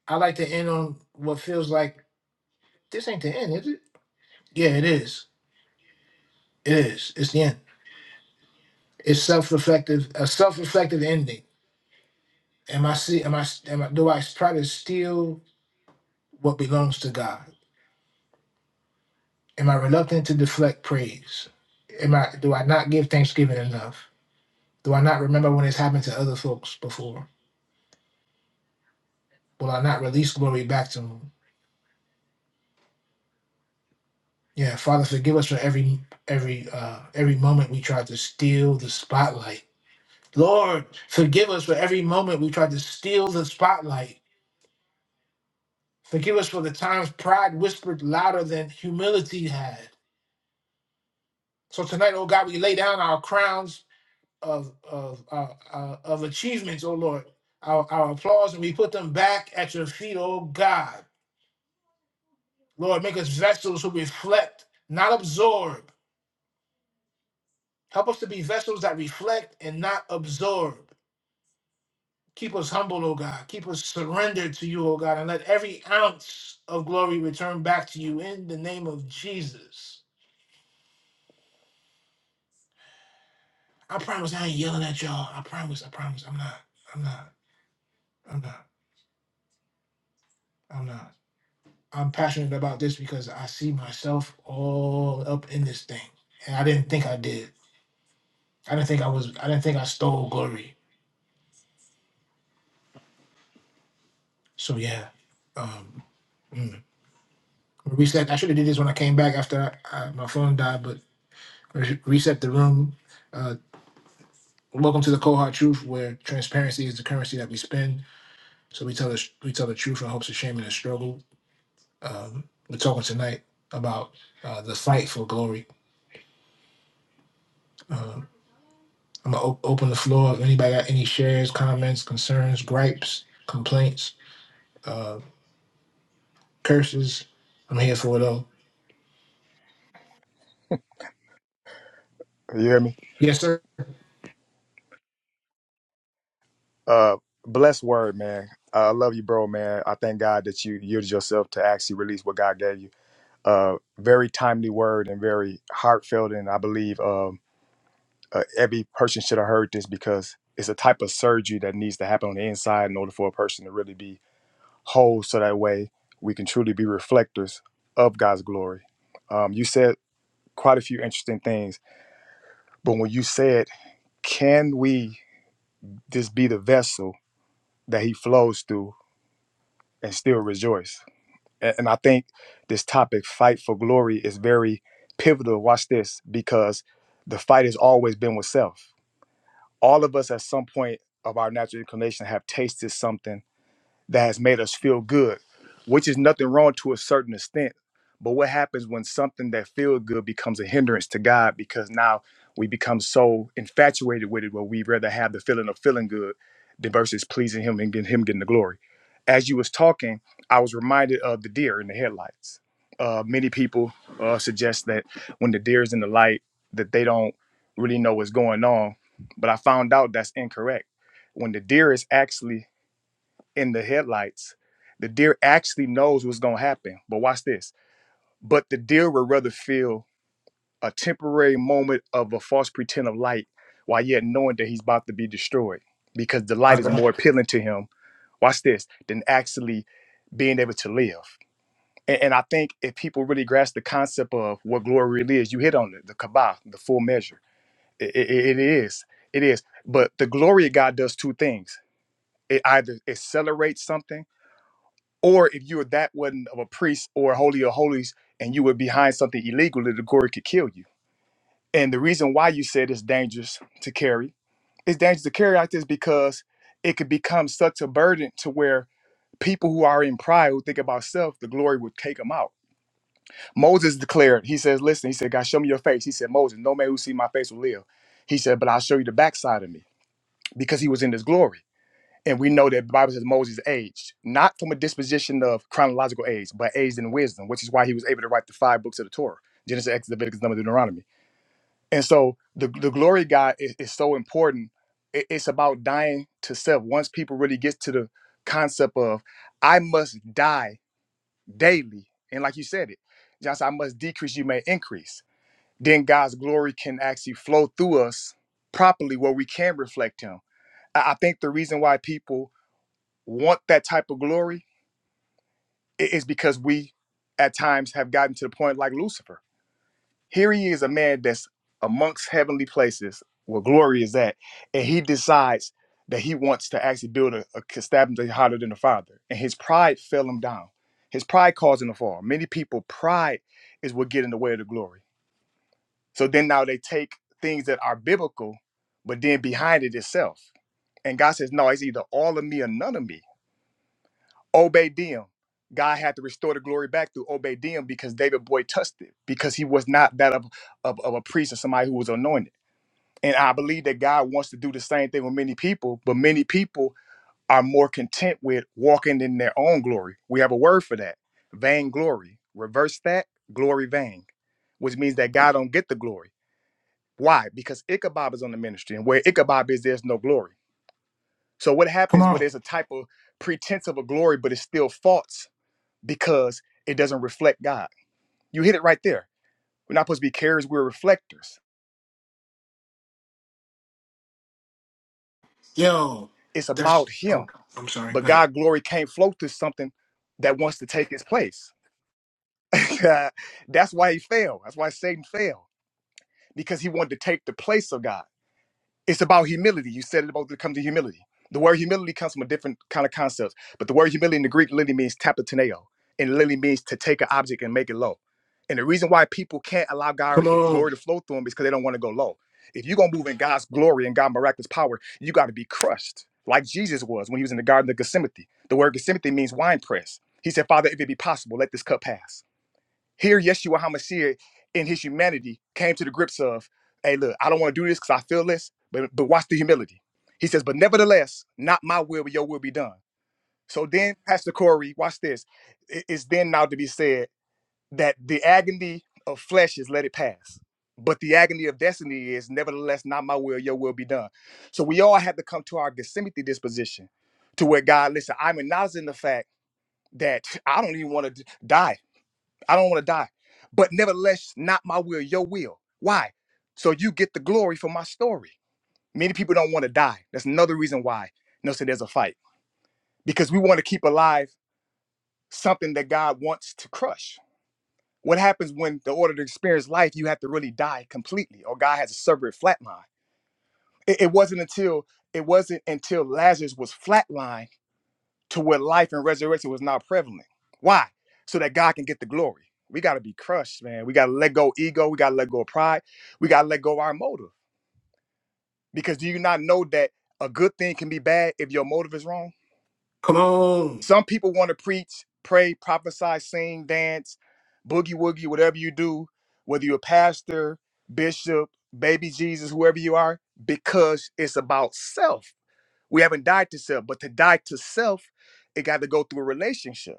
Speaker 2: I like to end on what feels like this ain't the end, is it? Yeah, it is. It is. It's the end. It's self-reflective, a self-reflective ending. Am I see? Am I? Am I? Do I try to steal what belongs to God? Am I reluctant to deflect praise? Am I? Do I not give thanksgiving enough? Do I not remember when it's happened to other folks before? Will I not release glory back to Him? Yeah, Father, forgive us for every every uh, every moment we tried to steal the spotlight. Lord, forgive us for every moment we tried to steal the spotlight. Forgive us for the times pride whispered louder than humility had. So tonight, oh God, we lay down our crowns of of uh, uh, of achievements, oh Lord, our, our applause, and we put them back at your feet, oh God. Lord, make us vessels who reflect, not absorb. Help us to be vessels that reflect and not absorb. Keep us humble, oh God. Keep us surrendered to you, oh God, and let every ounce of glory return back to you in the name of Jesus. I promise I ain't yelling at y'all. I promise. I promise. I'm not. I'm not. I'm not. I'm not. I'm passionate about this because I see myself all up in this thing, and I didn't think I did. I didn't think I was. I didn't think I stole glory. So yeah, um, mm. reset. I should have did this when I came back after I, I, my phone died, but re- reset the room. Uh, welcome to the cold hard truth, where transparency is the currency that we spend. So we tell the we tell the truth in hopes of shaming the struggle. Um, we're talking tonight about uh, the fight for glory. Um, I'm gonna op- open the floor. If anybody got any shares, comments, concerns, gripes, complaints, uh, curses, I'm here for it all.
Speaker 3: You hear me?
Speaker 2: Yes, sir.
Speaker 3: Uh, blessed word, man. Uh, I love you, bro, man. I thank God that you yielded yourself to actually release what God gave you. Uh, very timely word and very heartfelt, and I believe um, uh, every person should have heard this because it's a type of surgery that needs to happen on the inside in order for a person to really be whole. So that way, we can truly be reflectors of God's glory. Um, you said quite a few interesting things, but when you said, "Can we?" just be the vessel that he flows through and still rejoice. A- And I think this topic, fight for glory, is very pivotal. Watch this, because the fight has always been with self. All of us at some point of our natural inclination have tasted something that has made us feel good, which is nothing wrong to a certain extent. But what happens when something that feels good becomes a hindrance to God because now we become so infatuated with it where we rather have the feeling of feeling good than versus pleasing him and getting him getting the glory. As you was talking, I was reminded of the deer in the headlights. Uh, many people uh, suggest that when the deer is in the light, that they don't really know what's going on. But I found out that's incorrect. When the deer is actually in the headlights, the deer actually knows what's going to happen. But watch this. But the deer would rather feel a temporary moment of a false pretend of light while yet knowing that he's about to be destroyed because the light
Speaker 2: All
Speaker 3: is
Speaker 2: right.
Speaker 3: more appealing to him. Watch this than actually being able to live. And, and I think if people really grasp the concept of what glory really is, you hit on it, the kabah, the full measure. It, it it is. It is. But the glory of God does two things. It either accelerates something or if you were that one of a priest or holy of holies and you were behind something illegal, the gourd could kill you. And the reason why you said it's dangerous to carry, it's dangerous to carry like this because it could become such a burden to where people who are in pride, who think about self, the glory would take them out. Moses declared, he says, listen, he said, God, show me your face. He said, Moses, no man who see my face will live. He said, but I'll show you the backside of me because he was in his glory. And we know that the Bible says Moses aged, not from a disposition of chronological age, but aged in wisdom, which is why he was able to write the five books of the Torah Genesis, Exodus, Leviticus, Numbers, Deuteronomy. And so the, the glory of God is, is so important. It- it's about dying to self. Once people really get to the concept of, I must die daily. And like you said it, John said, I must decrease, you may increase. Then God's glory can actually flow through us properly where we can reflect Him. I I think the reason why people want that type of glory i- is because we at times have gotten to the point like Lucifer. Here he is, a man that's amongst heavenly places where glory is at, and he decides that he wants to actually build a, a constabulary hotter than the Father. And his pride fell him down. His pride caused him to fall. Many people, pride is what get in the way of the glory. So then now they take things that are biblical, but then behind it is self. And God says, no, it's either all of me or none of me Obadiah. God had to restore the glory back through Obadiah because David Boy touched it because he was not that of, of, of a priest or somebody who was anointed. And I believe that God wants to do the same thing with many people, but many people are more content with walking in their own glory. We have a word for that, vainglory. Reverse that, glory vain, which means that God don't get the glory. Why? Because Ichabod is on the ministry, and where Ichabod is, there's no glory. So what
Speaker 2: Come
Speaker 3: happens when
Speaker 2: on,
Speaker 3: there's a type of pretense of a glory, but it's still false? because it doesn't reflect God. You hit it right there. We're not supposed to be carriers, we're reflectors.
Speaker 2: yo.
Speaker 3: It's
Speaker 2: That's.
Speaker 3: about Him.
Speaker 2: Oh, I'm sorry.
Speaker 3: But
Speaker 2: Go ahead.
Speaker 3: God's glory can't flow through something that wants to take His place. That's why He failed. That's why Satan failed because he wanted to take the place of God. it's about humility. You said it about to come to humility. The word humility comes from a different kind of concept, but the word humility in the Greek literally means tapateneo, and it literally means to take an object and make it low. And the reason why people can't allow God
Speaker 2: Come
Speaker 3: the
Speaker 2: on.
Speaker 3: glory to flow through them is because they don't want to go low. If you're gonna move in God's glory and God's miraculous power, you got to be crushed, like Jesus was when he was in the Garden of Gethsemane. The word Gethsemane means wine press. He said, "Father, if it be possible, let this cup pass." Here, Yeshua HaMashiach in his humanity came to the grips of, hey, look, I don't want to do this because I feel this, but, but watch the humility. He says, but nevertheless, not my will, but your will be done. So then, Pastor Corey, watch this. It is then now to be said that the agony of flesh is let it pass. But the agony of destiny is nevertheless not my will, your will be done. So we all have to come to our Gethsemane disposition to where God, listen, I'm acknowledging the fact that I don't even want to d- die. I don't want to die. But nevertheless, not my will, your will. Why? So you get the glory for my story. Many people don't want to die. That's another reason why no say there's a fight. Because we want to keep alive something that God wants to crush. What happens when the order to experience life, you have to really die completely, or God has a separate flatline. It, it wasn't until it wasn't until Lazarus was flatlined to where life and resurrection was not prevalent. Why? So that God can get the glory. We got to be crushed, man. We got to let go ego. We got to let go of pride. We got to let go of our motive. Because do you not know that a good thing can be bad if your motive is wrong?
Speaker 2: Come on.
Speaker 3: Some people want to preach, pray, prophesy, sing, dance, boogie woogie, whatever you do, whether you're a pastor, bishop, baby Jesus, whoever you are, because it's about self. We haven't died to self, but to die to self, it got to go through a relationship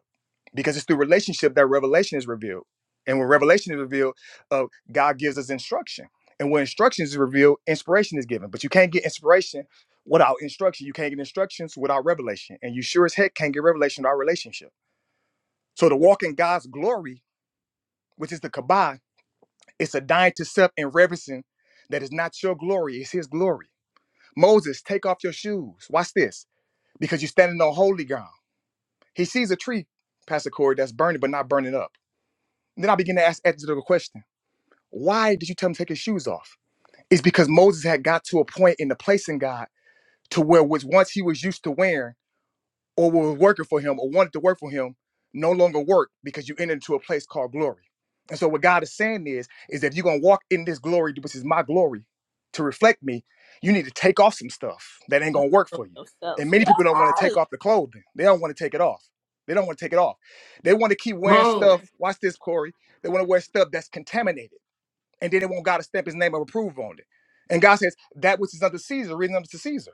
Speaker 3: because it's through relationship that revelation is revealed. And when revelation is revealed, uh, God gives us instruction. And when instruction is revealed, inspiration is given. But you can't get inspiration without instruction. You can't get instructions without revelation. And you sure as heck can't get revelation without relationship. So to walk in God's glory, which is the kabah, it's a dying to self and reverencing that is not your glory, it's his glory. Moses, take off your shoes. Watch this. Because you're standing on holy ground. He sees a tree, Pastor Corey, that's burning, but not burning up. Then I begin to ask Ezra the question Why did you tell him to take his shoes off? It's because Moses had got to a point in the place in God to where was once he was used to wearing or was working for him or wanted to work for him no longer work because you entered into a place called glory. And so what God is saying is, is that if you're gonna walk in this glory, which is my glory, to reflect me, you need to take off some stuff that ain't gonna work
Speaker 6: Love
Speaker 3: for you. And
Speaker 6: yourself.
Speaker 3: many people don't want to take
Speaker 6: Yes.
Speaker 3: off the clothing. They don't want to take it off. They don't want to take it off. They want to keep
Speaker 2: Come
Speaker 3: wearing
Speaker 2: on.
Speaker 3: stuff. Watch this, Corey. They want to wear stuff that's contaminated. And then they want God to stamp his name of approval on it. And God says, that which is under Caesar, reason unto Caesar.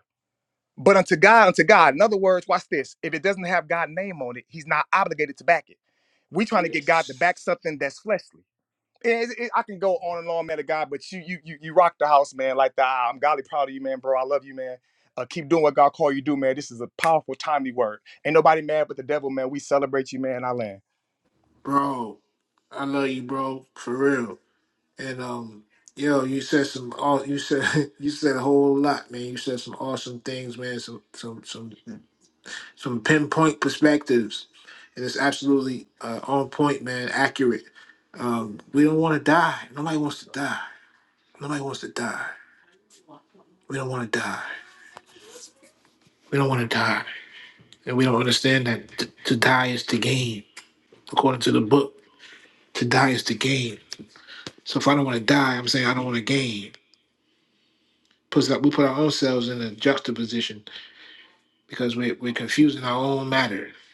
Speaker 3: But unto God, unto God. In other words, watch this. If it doesn't have God's name on it, he's not obligated to back it. We trying to get God to
Speaker 2: Yes,
Speaker 3: back something that's fleshly. It- it- I can go on and on, man, to God, but you you you you rock the house, man. Like the, I'm godly proud of you, man, bro. I love you, man. Uh, keep doing what God called you to do, man. This is a powerful, timely word. Ain't nobody mad but the devil, man. We celebrate you, man. I land.
Speaker 2: bro. I love you, bro. For real. And um, yo, you said some. aw- You said you said a whole lot, man. You said some awesome things, man. Some some some some pinpoint perspectives, and it's absolutely uh, on point, man. Accurate. Um, we don't want to die. Nobody wants to die. Nobody wants to die. We don't want to die. We don't want to die, and we don't understand that t- to die is to gain, according to the book. To die is to gain. So if I don't want to die, I'm saying I don't want to gain. Puts that we put our own selves in a juxtaposition because we, we're confusing our own matter. We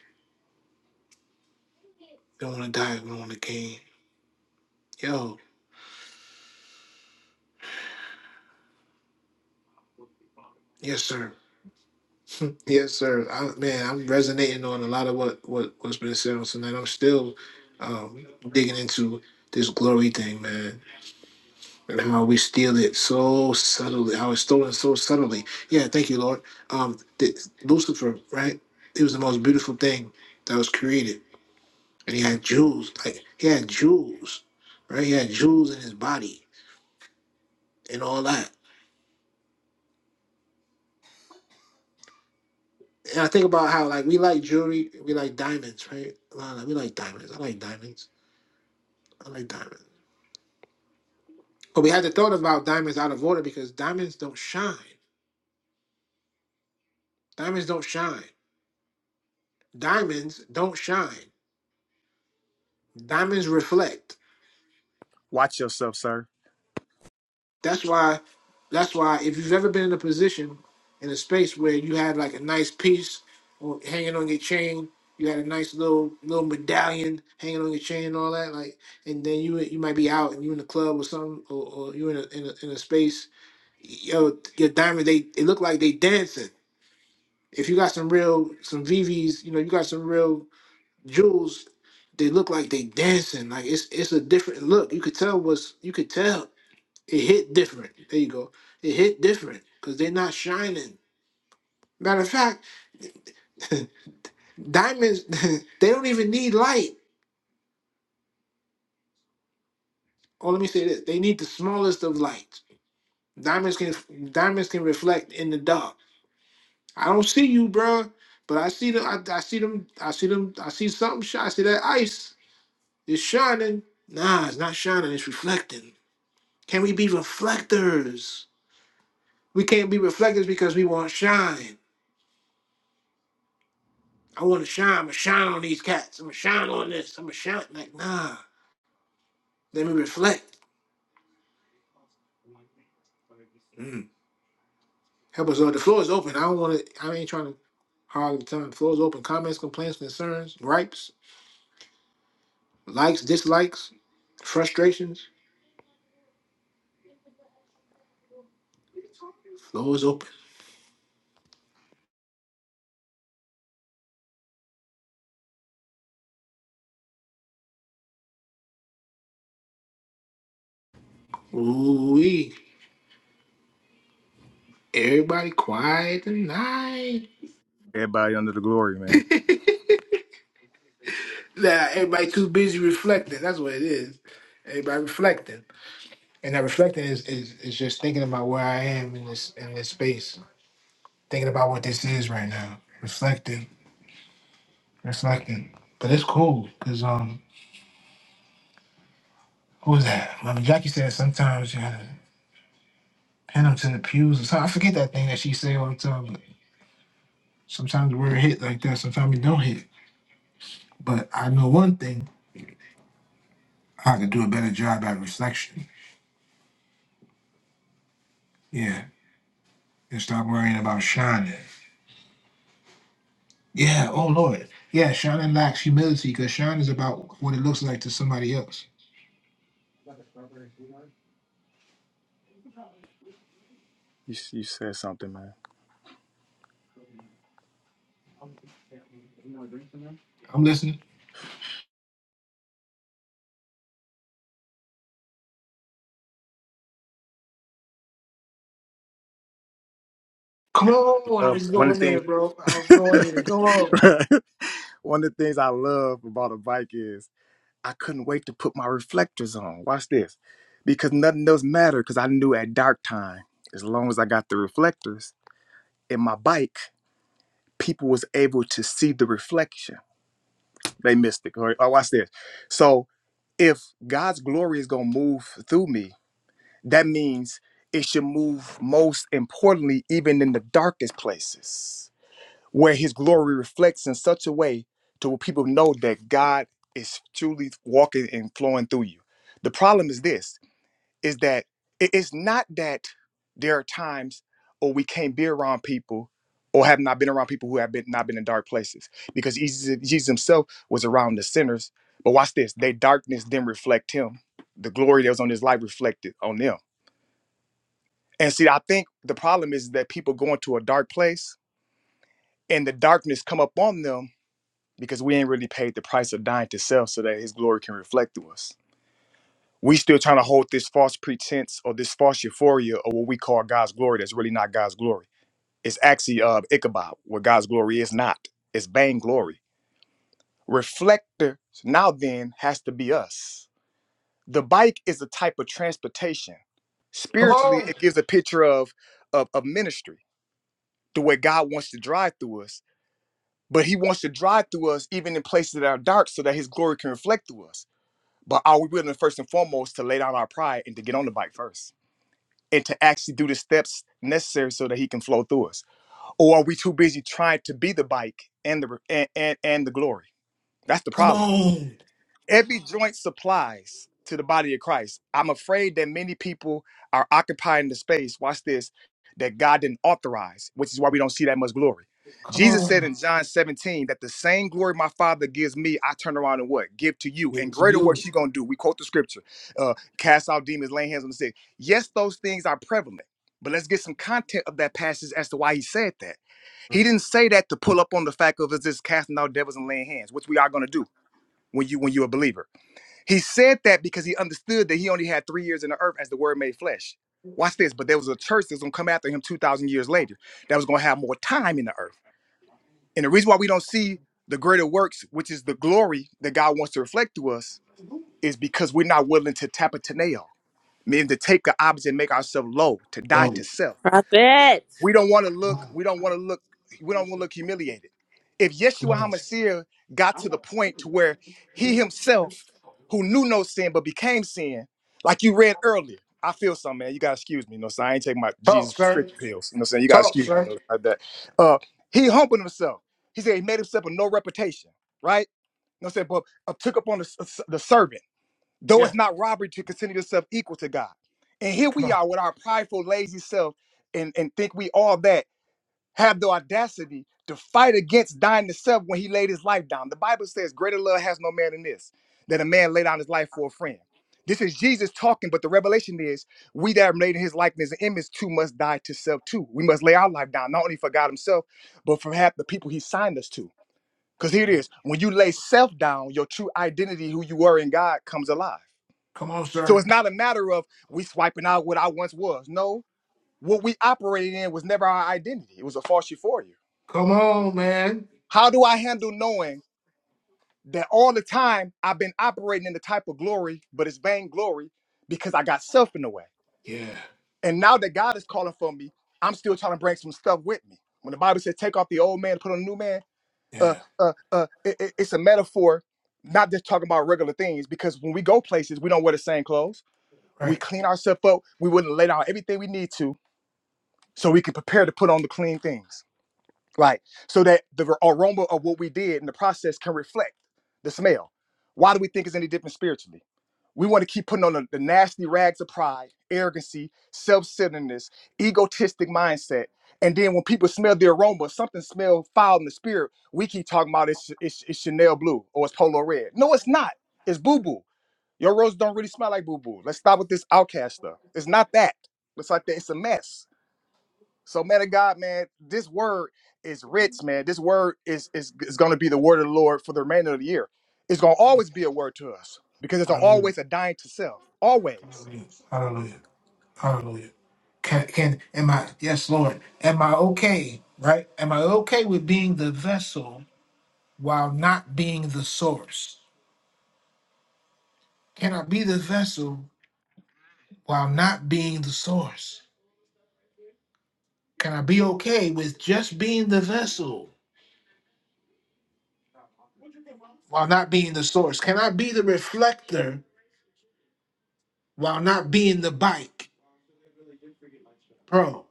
Speaker 2: don't want to die. We don't want to gain. Yo, yes, sir. yes, sir. I, man, I'm resonating on a lot of what, what, what's been said on tonight. I'm still um, digging into this glory thing, man, and how we steal it so subtly, how it's stolen so subtly. Yeah, thank you, Lord. Um, th- Lucifer, right? It was the most beautiful thing that was created. And he had jewels, like he had jewels, right? He had jewels in his body and all that and I think about how like we like jewelry, we like diamonds, right? Lana, we like diamonds. I like diamonds. I like diamonds. But we had the thought about diamonds out of order because diamonds don't shine. Diamonds don't shine. Diamonds don't shine. Diamonds reflect.
Speaker 3: Watch yourself, sir.
Speaker 2: That's why. That's why if you've ever been in a position in a space where you had like a nice piece or hanging on your chain, you had a nice little little medallion hanging on your chain and all that, like, and then you you might be out and you in the club or something, or, or you in a, in a in a space yo, your diamond, they it look like they dancing. If you got some real some VVs, you know, you got some real jewels, they look like they dancing. Like it's it's a different look. You could tell was you could tell it hit different. There you go. It hit different because they're not shining. Matter of fact, diamonds they don't even need light. Oh, let me say this: they need the smallest of lights. Diamonds can diamonds can reflect in the dark. I don't see you, bruh, but I see them. I, I see them. I see them. I see something. shi- I see that ice. It's shining. Nah, it's not shining. It's reflecting. Can we be reflectors? We can't be reflectors because we want to shine. I want to shine. I'm gonna shine on these cats. I'm gonna shine on this. I'm gonna shine. Like nah, let me reflect. Mm. Help us, Lord. The floor is open. I don't want to. I ain't trying to hog the time. The floor is open. Comments, complaints, concerns, gripes, likes, dislikes, frustrations. Floor is open. Ooh Everybody quiet tonight.
Speaker 3: Everybody under the glory,
Speaker 2: nah,
Speaker 3: man.
Speaker 2: everybody too busy reflecting. That's what it is. Everybody reflecting. And that reflecting is, is, is just thinking about where I am in this in this space. Thinking about what this is right now. Reflecting. Reflecting. But it's cool because um who was that? Mama Jackie said sometimes you gotta pin them to the pews or something. I forget that thing that she say all the time, but sometimes the word hit like that, sometimes it don't hit. But I know one thing. I have to do a better job at reflection. Yeah. And stop worrying about shining. Yeah. Oh, Lord. Yeah. Shining lacks humility because shine is about what it looks like to somebody else.
Speaker 3: You you said something, man.
Speaker 2: I'm listening. Come on. I
Speaker 3: Love,
Speaker 2: was
Speaker 3: one
Speaker 2: going
Speaker 3: of the
Speaker 2: there,
Speaker 3: things
Speaker 2: bro. I was going there. Come on.
Speaker 3: one of the things I love about a bike is I couldn't wait to put my reflectors on. Watch this. Because nothing else mattered because I knew at dark time, as long as I got the reflectors in my bike, people was able to see the reflection. They missed it. All right, oh, watch this. So if God's glory is gonna move through me, that means it should move most importantly, even in the darkest places where his glory reflects in such a way to where people know that God is truly walking and flowing through you. The problem is this is that it- it's not that there are times or we can't be around people or have not been around people who have been not been in dark places because Jesus, Jesus himself was around the sinners. But watch this, their darkness didn't reflect him. The glory that was on his life reflected on them. And see, I think the problem is that people go into a dark place and the darkness come up on them because we ain't really paid the price of dying to self so that his glory can reflect through us. We still trying to hold this false pretense or this false euphoria or what we call God's glory that's really not God's glory. It's actually uh, Ichabod, what God's glory is not. It's vainglory. Reflector now then has to be us. The bike is a type of transportation.
Speaker 2: Come
Speaker 3: Spiritually,
Speaker 2: on.
Speaker 3: it gives a picture of, of, of ministry, the way God wants to drive through us. But he wants to drive through us even in places that are dark so that his glory can reflect through us. But are we willing first and foremost to lay down our pride and to get on the bike first? And to actually do the steps necessary so that he can flow through us? Or are we too busy trying to be the bike and the and and, and the glory? That's the
Speaker 2: Come
Speaker 3: problem
Speaker 2: on.
Speaker 3: every joint supplies to the body of Christ. I'm afraid that many people are occupying the space, watch this, that God didn't authorize, which is why we don't see that much glory.
Speaker 2: Come
Speaker 3: Jesus said
Speaker 2: on.
Speaker 3: in John 17 that the same glory my Father gives me, I turn around and what? Give to you.
Speaker 2: Give it
Speaker 3: And
Speaker 2: to
Speaker 3: greater
Speaker 2: you.
Speaker 3: works you're going to do. We quote the scripture uh, cast out demons, laying hands on the sick. Yes, those things are prevalent, but let's get some content of that passage as to why he said that. He
Speaker 2: Mm.
Speaker 3: didn't say that to pull up on the fact of us just casting out devils and laying hands, which we are going to do when you when you're a believer. He said that because he understood that he only had three years in the earth as the word made flesh. Watch this, but there was a church that's gonna come after him 2,000 years later that was gonna have more time in the earth. And the reason why we don't see the greater works, which is the glory that God wants to reflect to us, is because we're not willing to tapataneo, meaning to take the object and make ourselves low, to die
Speaker 2: Go.
Speaker 3: to self.
Speaker 6: Prophet.
Speaker 3: We don't want to
Speaker 2: Come
Speaker 3: look,
Speaker 2: on.
Speaker 3: we don't want to look, we don't want to look humiliated. If
Speaker 2: Come
Speaker 3: Yeshua
Speaker 2: on.
Speaker 3: HaMashiach got to the point to where he himself, who knew no sin but became sin, like you read earlier, I feel something, man. You gotta excuse me. You know, so I ain't taking my
Speaker 2: Talk,
Speaker 3: Jesus
Speaker 2: sir.
Speaker 3: prescription pills. You know what I'm saying? You gotta
Speaker 2: Talk,
Speaker 3: excuse me, you
Speaker 2: sir.
Speaker 3: know, like that. Uh he humbled himself. He said he made himself a no reputation, right? You know what I'm saying? But uh, took upon the, uh, the servant, though
Speaker 2: Yeah.
Speaker 3: it's not robbery to consider yourself equal to God. And here
Speaker 2: Come
Speaker 3: we
Speaker 2: on.
Speaker 3: are with our prideful, lazy self and, and think we all that have the audacity to fight against dying to self when he laid his life down. The Bible says, Greater love has no man than this, that a man lay down his life for a friend. This is Jesus talking, but the revelation is we that are made in his likeness and image too must die to self too. We must lay our life down, not only for God himself, but for half the people he signed us to. Because here it
Speaker 2: Yeah.
Speaker 3: is when you lay self down, your true identity, who you were in God, comes alive.
Speaker 2: Come on,
Speaker 3: So
Speaker 2: sir.
Speaker 3: it's not a matter of we swiping out what I once was. No, what we operated in was never our identity, it was a false euphoria.
Speaker 2: Come on, man.
Speaker 3: How do I handle knowing that all the time I've been operating in the type of glory, but it's vain glory because I got self in the way?
Speaker 2: Yeah.
Speaker 3: And now that God is calling for me, I'm still trying to bring some stuff with me. When the Bible says, take off the old man, put on a new man, uh,
Speaker 2: Yeah.
Speaker 3: uh, uh, it- it- it's a metaphor, not just talking about regular things, because when we go places, we don't wear the same clothes. We
Speaker 2: Right.
Speaker 3: clean ourselves up. We wouldn't lay down everything we need to so we can prepare to put on the clean things. right? So that the aroma of what we did in the process can reflect the smell. Why do we think it's any different spiritually? We want to keep putting on the, the nasty rags of pride, arrogancy, self-centeredness, egotistic mindset. And then when people smell the aroma, something smells foul in the spirit, we keep talking about it's, it's, it's Chanel blue or it's Polo red. No, it's not. It's boo-boo. Your roses don't really smell like boo-boo. Let's stop with this outcast stuff. It's not that. It's like that. It's a mess. So, man of God, man, this word is rich, man. This word is is, is going to be the word of the Lord for the remainder of the year. It's going to always be a word to us because it's
Speaker 2: Hallelujah.
Speaker 3: always a dying to self, always.
Speaker 2: Hallelujah. Hallelujah. Hallelujah. Can can am I yes, Lord. Am I okay? Right? Am I okay with being the vessel while not being the source? Can I be the vessel while not being the source? Can I be okay with just being the vessel while not being the source? Can I be the reflector while not being the bike? Bro,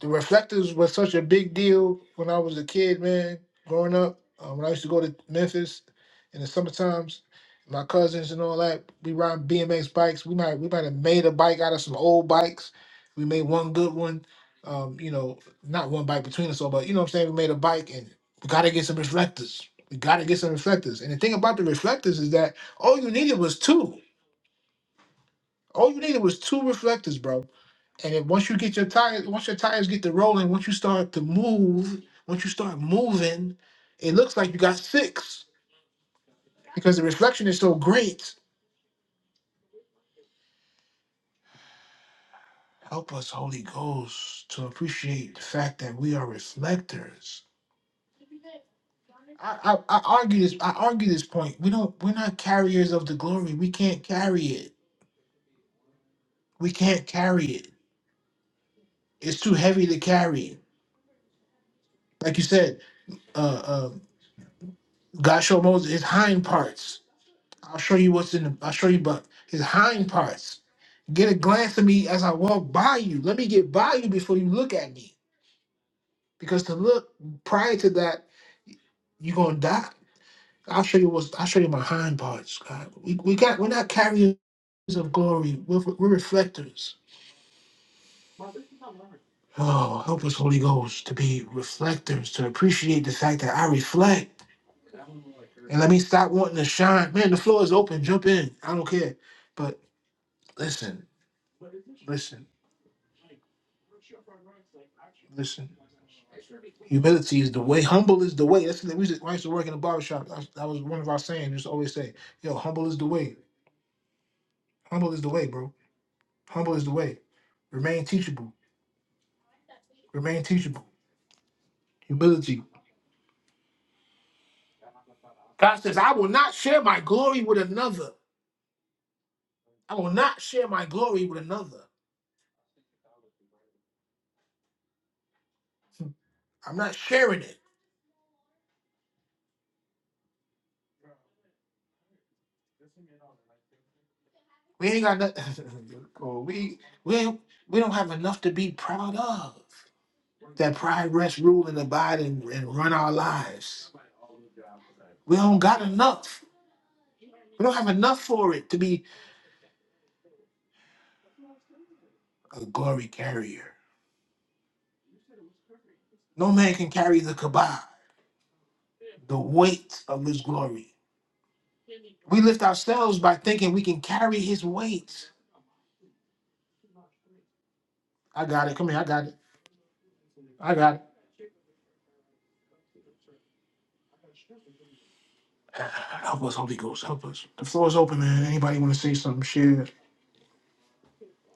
Speaker 2: the reflectors was such a big deal when I was a kid, man. Growing up, uh, when I used to go to Memphis in the summer my cousins and all that, we ride BMX bikes. We might we might have made a bike out of some old bikes. We made one good one. Um, you know, not one bike between us all, but you know what I'm saying. We made a bike, and we gotta get some reflectors. We gotta get some reflectors. And the thing about the reflectors is that all you needed was two. All you needed was two reflectors, bro and then once you get your tires, once your tires get to rolling, once you start to move, once you start moving, it looks like you got six because the reflection is so great. Help us, Holy Ghost, to appreciate the fact that we are reflectors. I, I, I argue this. I argue this point. We don't. We're not carriers of the glory. We can't carry it. We can't carry it. It's too heavy to carry. Like you said, uh, uh, God showed Moses his hind parts. I'll show you what's in the. I'll show you, but his hind parts. Get a glance at me as I walk by you. Let me get by you before you look at me. Because to look prior to that, you're gonna die. I'll show you what's I'll show you my hind parts. God. We we got we're not carriers of glory. We're, we're reflectors. Oh, help us, Holy Ghost, to be reflectors, to appreciate the fact that I reflect. And let me stop wanting to shine. Man, the floor is open. Jump in. I don't care. But listen, listen. Listen, humility is the way. Humble is the way. That's the thing. We used to, I used to work in a barbershop. That was, that was one of our sayings. Just always say, yo, humble is the way. Humble is the way, bro. Humble is the way. Remain teachable. Remain teachable. Humility. God says, I will not share my glory with another. I will not share my glory with another. I'm not sharing it. We ain't got nothing. we, we, we don't have enough to be proud of. that pride, rest, rule, and abide and, and run our lives. We don't got enough. We don't have enough for it to be a glory carrier. No man can carry the kabah, the weight of his glory. We lift ourselves by thinking we can carry his weight. I got it. Come here. I got it. I got it. Help us, Holy Ghost. Help us. The floor is open, man. Anybody want to say something? Share.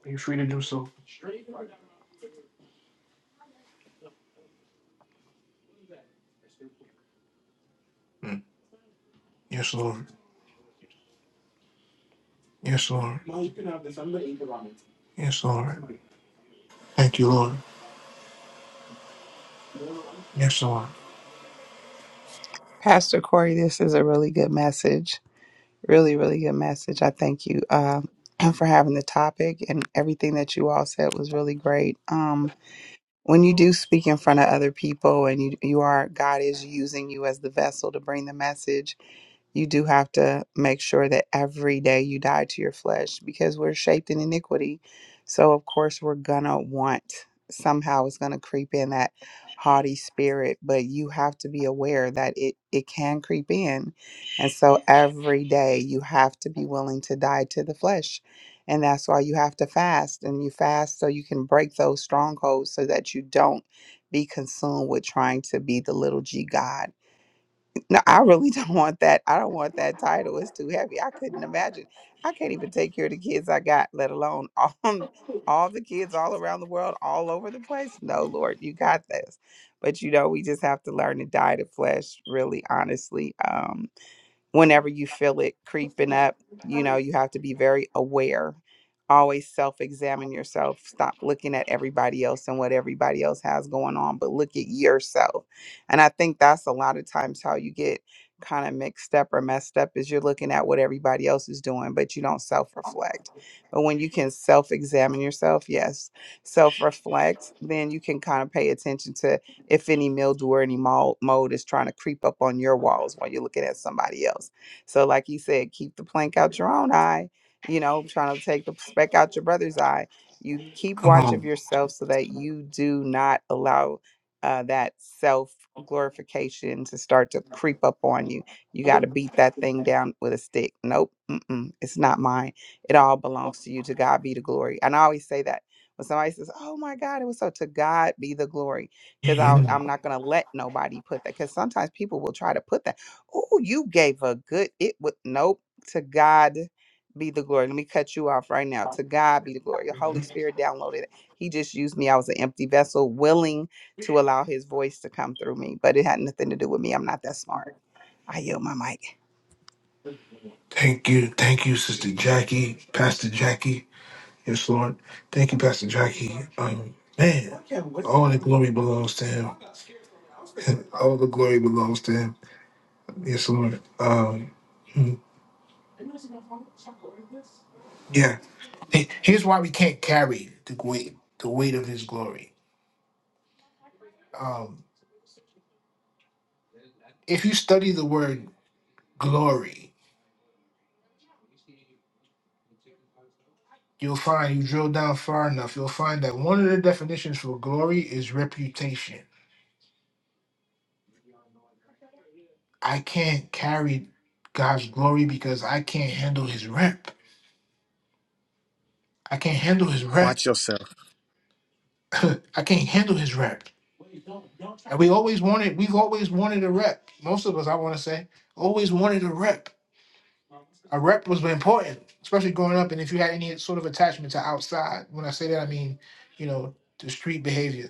Speaker 2: Be free to do so. Mm. Yes, Lord. Yes, Lord. Yes, Lord. Thank you, Lord. Yes, Lord.
Speaker 5: Pastor Corey, this is a really good message. Really, really good message. I thank you um for having the topic and everything that you all said was really great. Um when you do speak in front of other people and you you are God is using you as the vessel to bring the message you do have to make sure that every day you die to your flesh because we're shaped in iniquity. So, of course, we're gonna want somehow it's gonna creep in that haughty spirit, but you have to be aware that it, it can creep in. And so, every day you have to be willing to die to the flesh. And that's why you have to fast and you fast so you can break those strongholds so that you don't be consumed with trying to be the little g God no, I really don't want that. I don't want that title. It's too heavy. I couldn't imagine. I can't even take care of the kids I got, let alone all, all the kids all around the world, all over the place. No, Lord, you got this. But you know, we just have to learn to die to flesh, really honestly. Um, whenever you feel it creeping up, you know, you have to be very aware. Always self examine yourself. Stop looking at everybody else and what everybody else has going on, but look at yourself. And I think that's a lot of times how you get kind of mixed up or messed up is you're looking at what everybody else is doing, but you don't self reflect. But when you can self examine yourself, yes, self reflect, then you can kind of pay attention to if any mildew or any mold, mold is trying to creep up on your walls while you're looking at somebody else. So, like you said, keep the plank out your own eye, you know, trying to take the speck out your brother's eye. You keep
Speaker 2: Come
Speaker 5: watch of
Speaker 2: on.
Speaker 5: yourself so that you do not allow uh, that self glorification to start to creep up on you. You got to beat that thing down with a stick. Nope, mm-mm, it's not mine. It all belongs to you. To God be the glory. And I always say that when somebody says, Oh my God, it was so, to God be the glory because
Speaker 2: Mhm.
Speaker 5: I'm not going to let nobody put that. Because sometimes people will try to put that. Oh, you gave a good, it would, nope, to God be the glory. Let me cut you off right now. To God be the glory. The Holy Spirit downloaded it. He just used me. I was an empty vessel, willing to allow his voice to come through me, but it had nothing to do with me. I'm not that smart. I yield my mic.
Speaker 2: Thank you. Thank you, Sister Jackie, Pastor Jackie. Yes, Lord. Thank you, Pastor Jackie. Um, man, all the glory belongs to him. And all the glory belongs to him. Yes, Lord. Um, mm, yeah. He- Here's why we can't carry the weight, the weight of his glory. Um, if you study the word glory, you'll find you drill down far enough, you'll find that one of the definitions for glory is reputation. I can't carry God's glory because I can't handle his rep. I can't handle his rep.
Speaker 3: Watch yourself.
Speaker 2: I can't handle his rep. And we always wanted, we've always wanted a rep. Most of us, I want to say, always wanted a rep. A rep was important, especially growing up. And if you had any sort of attachment to outside, when I say that, I mean, you know, the street behavior.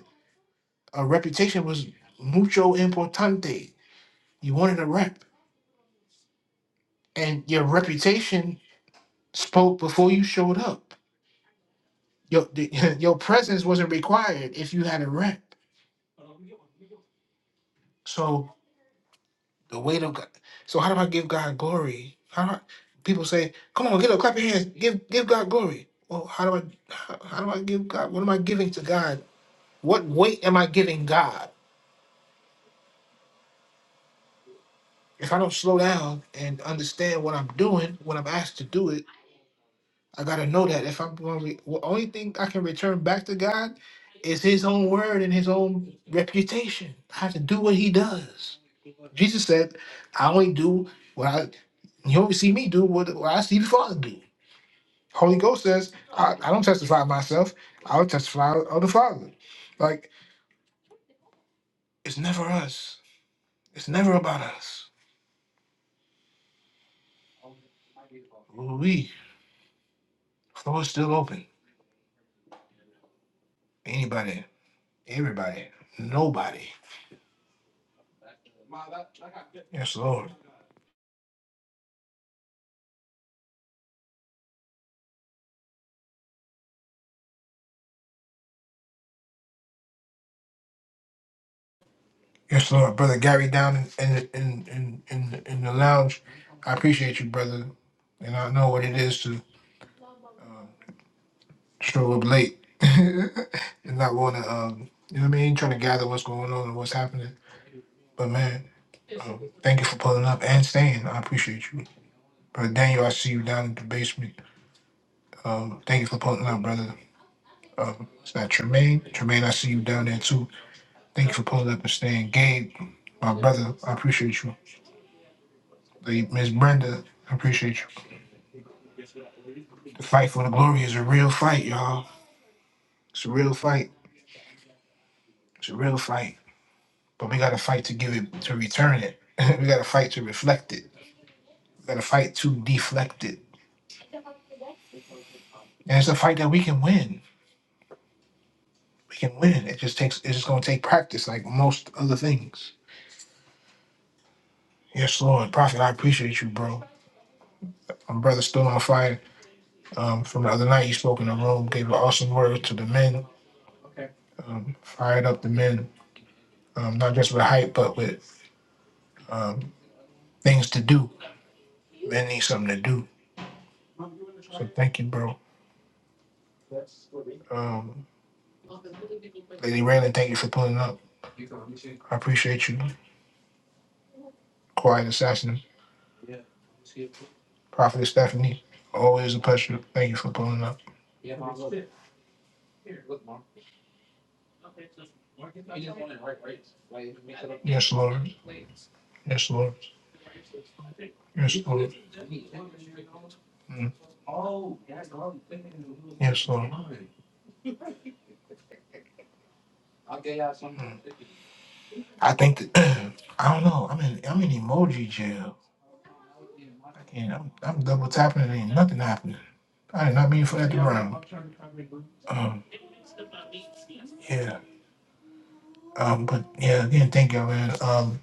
Speaker 2: A reputation was mucho importante. You wanted a rep. And your reputation spoke before you showed up. Your the, your presence wasn't required if you had a rep. So the weight of God. So how do I give God glory? How do I, people say, "Come on, get up, clap your hands, give give God glory." Well, how do I how, how do I give God? What am I giving to God? What weight am I giving God? If I don't slow down and understand what I'm doing when I'm asked to do it, I gotta know that if I'm going, to the only thing I can return back to God is His own word and His own reputation. I have to do what He does. Jesus said, I only do what I, you only see me do what, what I see the Father do. Holy Ghost says, I, I don't testify of myself, I'll testify of the Father. Like, it's never us. It's never about us. We, floor is still open. Anybody, everybody, nobody. Yes, Lord. Yes, Lord. Brother Gary down in, in, in, in, in the lounge, I appreciate you, brother. And I know what it is to show up late and not want to, um, you know what I mean, trying to gather what's going on and what's happening. But man, um, thank you for pulling up and staying. I appreciate you, brother Daniel. I see you down in the basement. Um, thank you for pulling up, brother. Um, it's not Tremaine. Tremaine, I see you down there too. Thank you for pulling up and staying. Gabe, my brother, I appreciate you. The- Miss Brenda, I appreciate you. The fight for the glory is a real fight, y'all. It's a real fight. It's a real fight. but we got to fight to give it to return it. we got to fight to reflect it. We got to fight to deflect it. And it's a fight that we can win. We can win. It just takes. It's just gonna take practice, like most other things. Yes, Lord, Prophet, I appreciate you, bro. My brother still on fire. Um, from the other night, you spoke in the room, gave an awesome word to the men. Um, fired up the men, um, not just with hype, but with um, things to do. Men need something to do. So thank you, bro. Um, Lady Raylan, thank you for pulling up. I appreciate you. Quiet Assassin, Prophet Stephanie. Always a pleasure. Thank you for pulling up. Yes, Lord. Yes, Lord. Yes, Lord. Mm. Yes, Lord. Mm. I think that I don't know. I'm in I'm in emoji jail, and I'm I'm double tapping and ain't nothing happening. I did not mean for that to rhyme. Um, yeah. Um, but yeah, again, thank y'all, man. Um,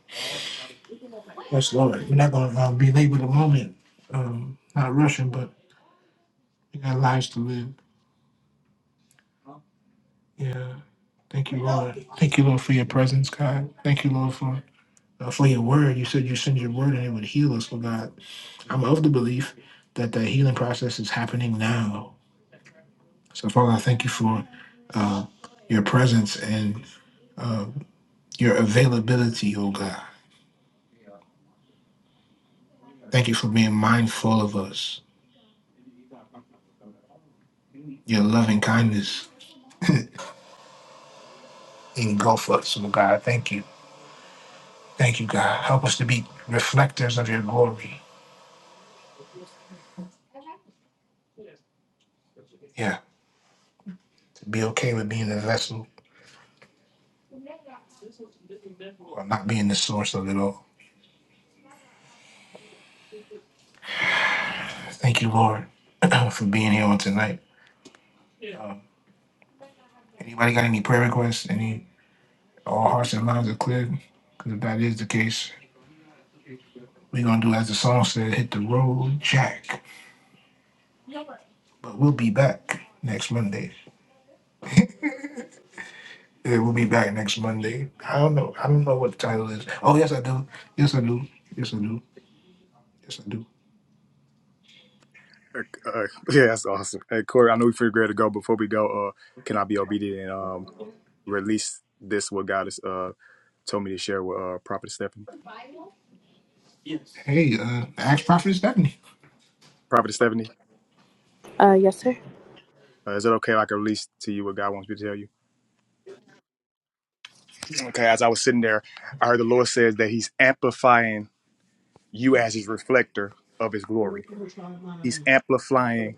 Speaker 2: Yes, Lord. We're not going to uh, belabor the moment. Um, not rushing, but we got lives to live. Yeah. Thank you, Lord. Thank you, Lord, for your presence, God. Thank you, Lord, for uh, for your word. You said you send your word and it would heal us, Lord God. I'm of the belief that the healing process is happening now. So, Father, I thank you for uh, your presence and uh, your availability, oh God. Thank you for being mindful of us. Your loving kindness engulf us, oh God. Thank you. Thank you, God. Help us to be reflectors of your glory. Yeah, to be okay with being the vessel or not being the source of it all. Thank you, Lord, for being here on tonight. Um, anybody got any prayer requests? Any all hearts and minds are clear? Because if that is the case, we're gonna do as the song said, hit the road, Jack. But we'll be back next Monday. Yeah, we'll be back next Monday. I don't know. I don't know what the title is. Oh yes, I do. Yes, I do. Yes, I do. Yes, I do.
Speaker 3: Uh, uh, yeah, that's awesome. Hey, Corey, I know we figured great to go. Before we go, uh, can I be obedient and um release this what God has uh told me to share with uh Prophet Stephanie?
Speaker 2: Hey, uh, ask Prophet Stephanie.
Speaker 3: Prophet Stephanie,
Speaker 6: Uh, yes, sir.
Speaker 3: uh, is it okay if I can release to you what God wants me to tell you? Okay, as I was sitting there, I heard the Lord says that He's amplifying you as His reflector of His glory. He's amplifying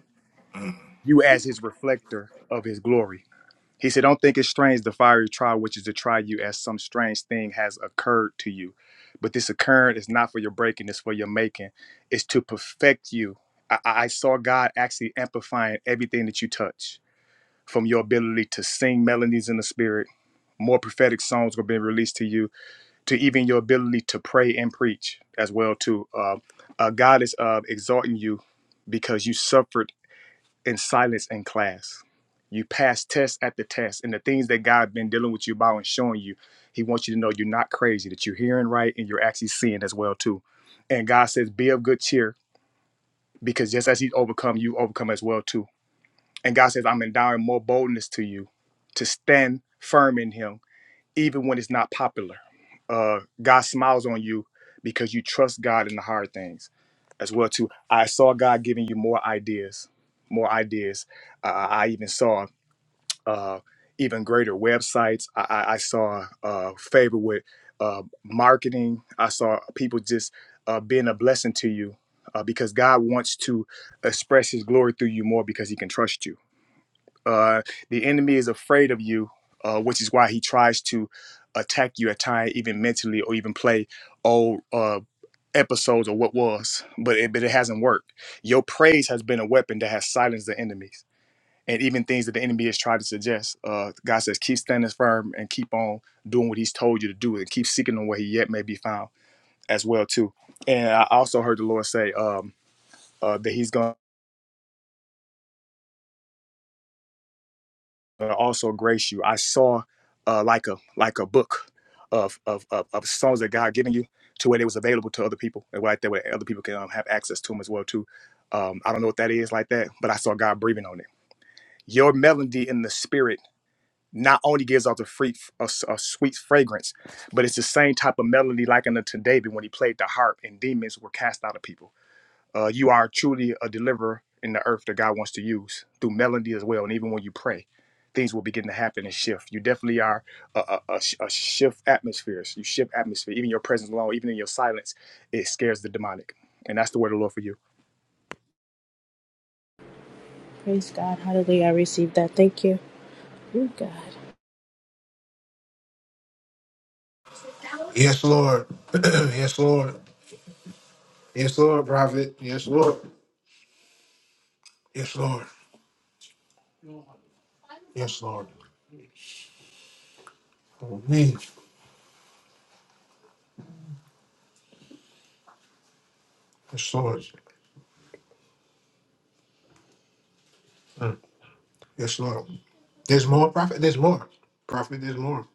Speaker 3: you as His reflector of His glory. He said, Don't think it's strange the fiery trial which is to try you as some strange thing has occurred to you. But this occurrence is not for your breaking, it's for your making. It's to perfect you. I, I saw God actually amplifying everything that you touch from your ability to sing melodies in the spirit. More prophetic songs will be released to you to even your ability to pray and preach as well too. Uh, uh, God is uh, exalting you because you suffered in silence in class. You passed test at the test, and the things that God been dealing with you about and showing you, He wants you to know you're not crazy, that you're hearing right and you're actually seeing as well too. And God says, "Be of good cheer, because just as He's overcome, you overcome as well too." And God says, "I'm endowing more boldness to you to stand firm in Him." even when it's not popular. Uh, God smiles on you because you trust God in the hard things as well too. I saw God giving you more ideas, more ideas. Uh, I even saw uh, even greater websites. I, I I saw uh, favor with uh, marketing. I saw people just uh, being a blessing to you uh, because God wants to express His glory through you more because He can trust you uh, the enemy is afraid of you, uh, which is why he tries to attack you at times, even mentally, or even play old uh, episodes of what was. But it, but it hasn't worked. Your praise has been a weapon that has silenced the enemies. And even things that the enemy has tried to suggest, uh, God says, keep standing firm and keep on doing what He's told you to do, and keep seeking Him where He yet may be found as well too. And I also heard the Lord say um, uh, that He's going. uh, also grace you. I saw uh, like a like a book of of, of of songs that God given you to where it was available to other people, and right there where other people can um, have access to them as well too. Um, I don't know what that is like that, but I saw God breathing on it. Your melody in the spirit not only gives off the free a, s- a sweet fragrance, but it's the same type of melody like in the David when he played the harp and demons were cast out of people uh, you are truly a deliverer in the earth that God wants to use through melody as well. And even when you pray, things will begin to happen and shift. You definitely are a, a, a sh- a shift atmospheres. You shift atmosphere. Even your presence alone, even in your silence, it scares the demonic. And that's the word of the Lord for you.
Speaker 6: Praise God. Hallelujah. I received that. Thank you. You God.
Speaker 2: Yes, Lord. yes, Lord. Yes, Lord, prophet. Yes, Lord. Yes, Lord. Yes, Lord. Oh, me. Yes, Lord. Mm. Yes, Lord. There's more, prophet. There's more, prophet. There's more.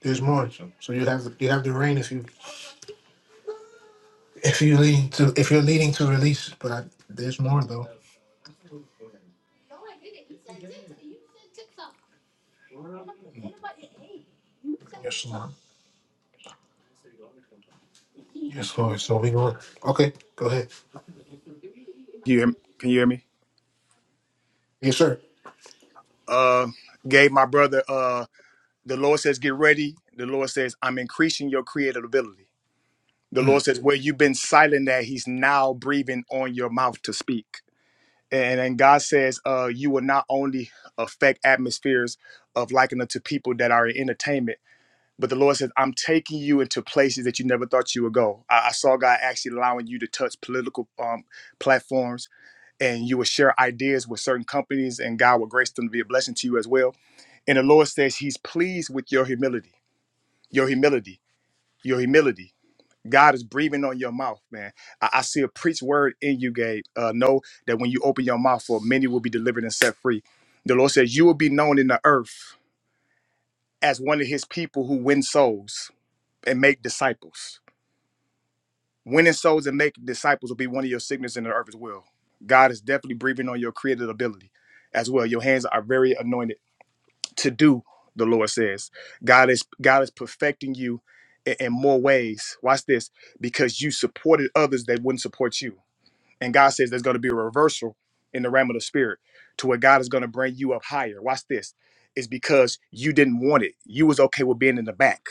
Speaker 2: There's more. So you have you have the rain if you if you lead to if you're leading to release. But I, there's more though. Yes, Lord. Yes, Lord. So we go. Okay, go ahead.
Speaker 3: Can you hear me? Can you hear me?
Speaker 2: Yes, sir.
Speaker 3: Uh, gave my brother. Uh, the Lord says, get ready. The Lord says, I'm increasing your creative ability. The Lord
Speaker 2: Mm.
Speaker 3: says, where you've been silent, that He's now breathing on your mouth to speak. and then God says, uh, you will not only affect atmospheres of liking unto people that are in entertainment, but the Lord says, I'm taking you into places that you never thought you would go. I, I saw God actually allowing you to touch political um, platforms and you will share ideas with certain companies and God will grace them to be a blessing to you as well. And the Lord says he's pleased with your humility, your humility, your humility. God is breathing on your mouth, man. I, I see a preach word in you, Gabe. Uh, know that when you open your mouth, for many will be delivered and set free. The Lord says you will be known in the earth as one of His people who win souls and make disciples. Winning souls and making disciples will be one of your signatures in the earth as well. God is definitely breathing on your creative ability as well. Your hands are very anointed to do. The Lord says, God is God is perfecting you in, in more ways. Watch this, because you supported others that wouldn't support you And God says there's going to be a reversal in the realm of the spirit to where God is going to bring you up higher. Watch this. It's because you didn't want it. You was okay with being in the back.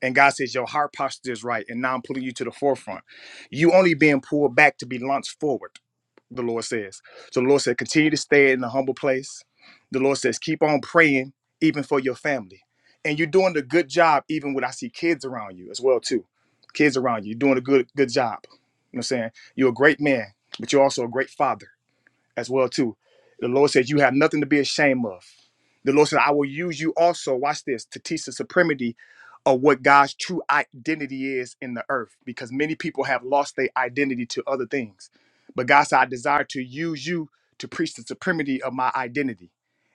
Speaker 3: And God says your heart posture is right. And now I'm pulling you to the forefront. You only being pulled back to be launched forward the Lord says. So the Lord said, continue to stay in the humble place. The Lord says, keep on praying, even for your family. And you're doing a good job, even when I see kids around you as well, too. Kids around you, you're doing a good good job. You know what I'm saying? You're a great man, but you're also a great father as well too. The Lord says, "You have nothing to be ashamed of." The Lord said, "I will use you also." Watch this to teach the supremacy of what God's true identity is in the earth, because many people have lost their identity to other things. But God said, "I desire to use you to preach the supremacy of my identity."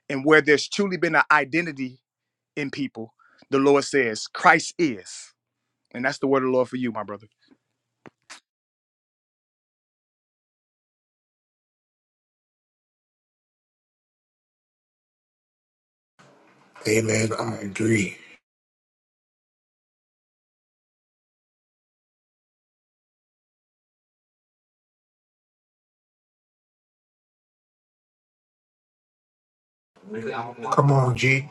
Speaker 3: And where there's truly been an identity in people, the Lord says, "Christ is," and that's the word of the Lord for you, my brother.
Speaker 2: Amen. I agree. Come on, G.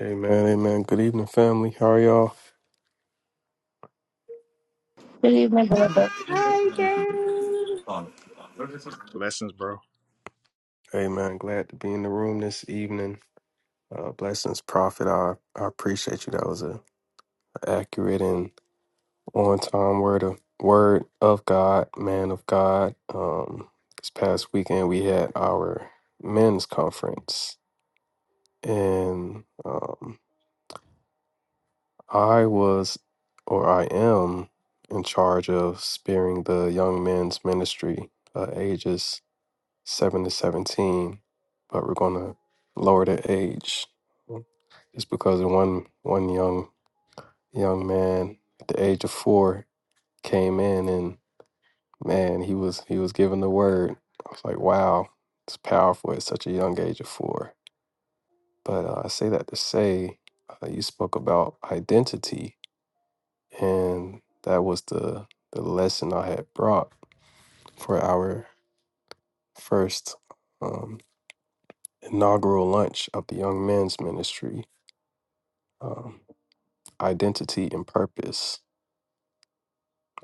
Speaker 7: Amen, amen. Good evening, family. How are y'all?
Speaker 1: Good evening, brother.
Speaker 6: Hi, Gary.
Speaker 3: Blessings, bro.
Speaker 7: Amen. Glad to be in the room this evening. Uh, blessings, Prophet. I, I appreciate you. That was a accurate and on time word of word of God, man of God. Um, this past weekend we had our men's conference, and um, I was, or I am, in charge of spearing the young men's ministry uh, ages. 7 to 17, but we're going to lower the age just because of one one young young man at the age of 4 came in and man, he was he was given the word. I was like, wow, it's powerful at such a young age of 4. But uh, I say that to say uh, you spoke about identity and that was the the lesson I had brought for our first um, inaugural lunch of the Young Men's Ministry um, identity and purpose.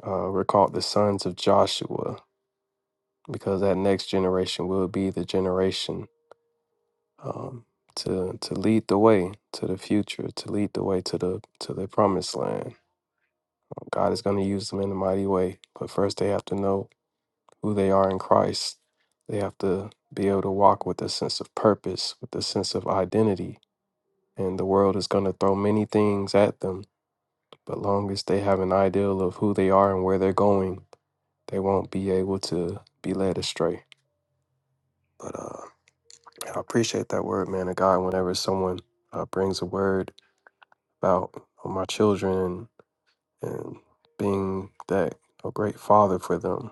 Speaker 7: Uh, we're called the sons of Joshua because that next generation will be the generation um, to to lead the way to the future, to lead the way to the to the promised land. God is going to use them in a mighty way, but first they have to know who they are in Christ. They have to be able to walk with a sense of purpose, with a sense of identity. And the world is going to throw many things at them, but long as they have an ideal of who they are and where they're going, they won't be able to be led astray. But uh, yeah, I appreciate that word, man. Of God, whenever someone uh, brings a word about uh, my children and, and being that a great father for them,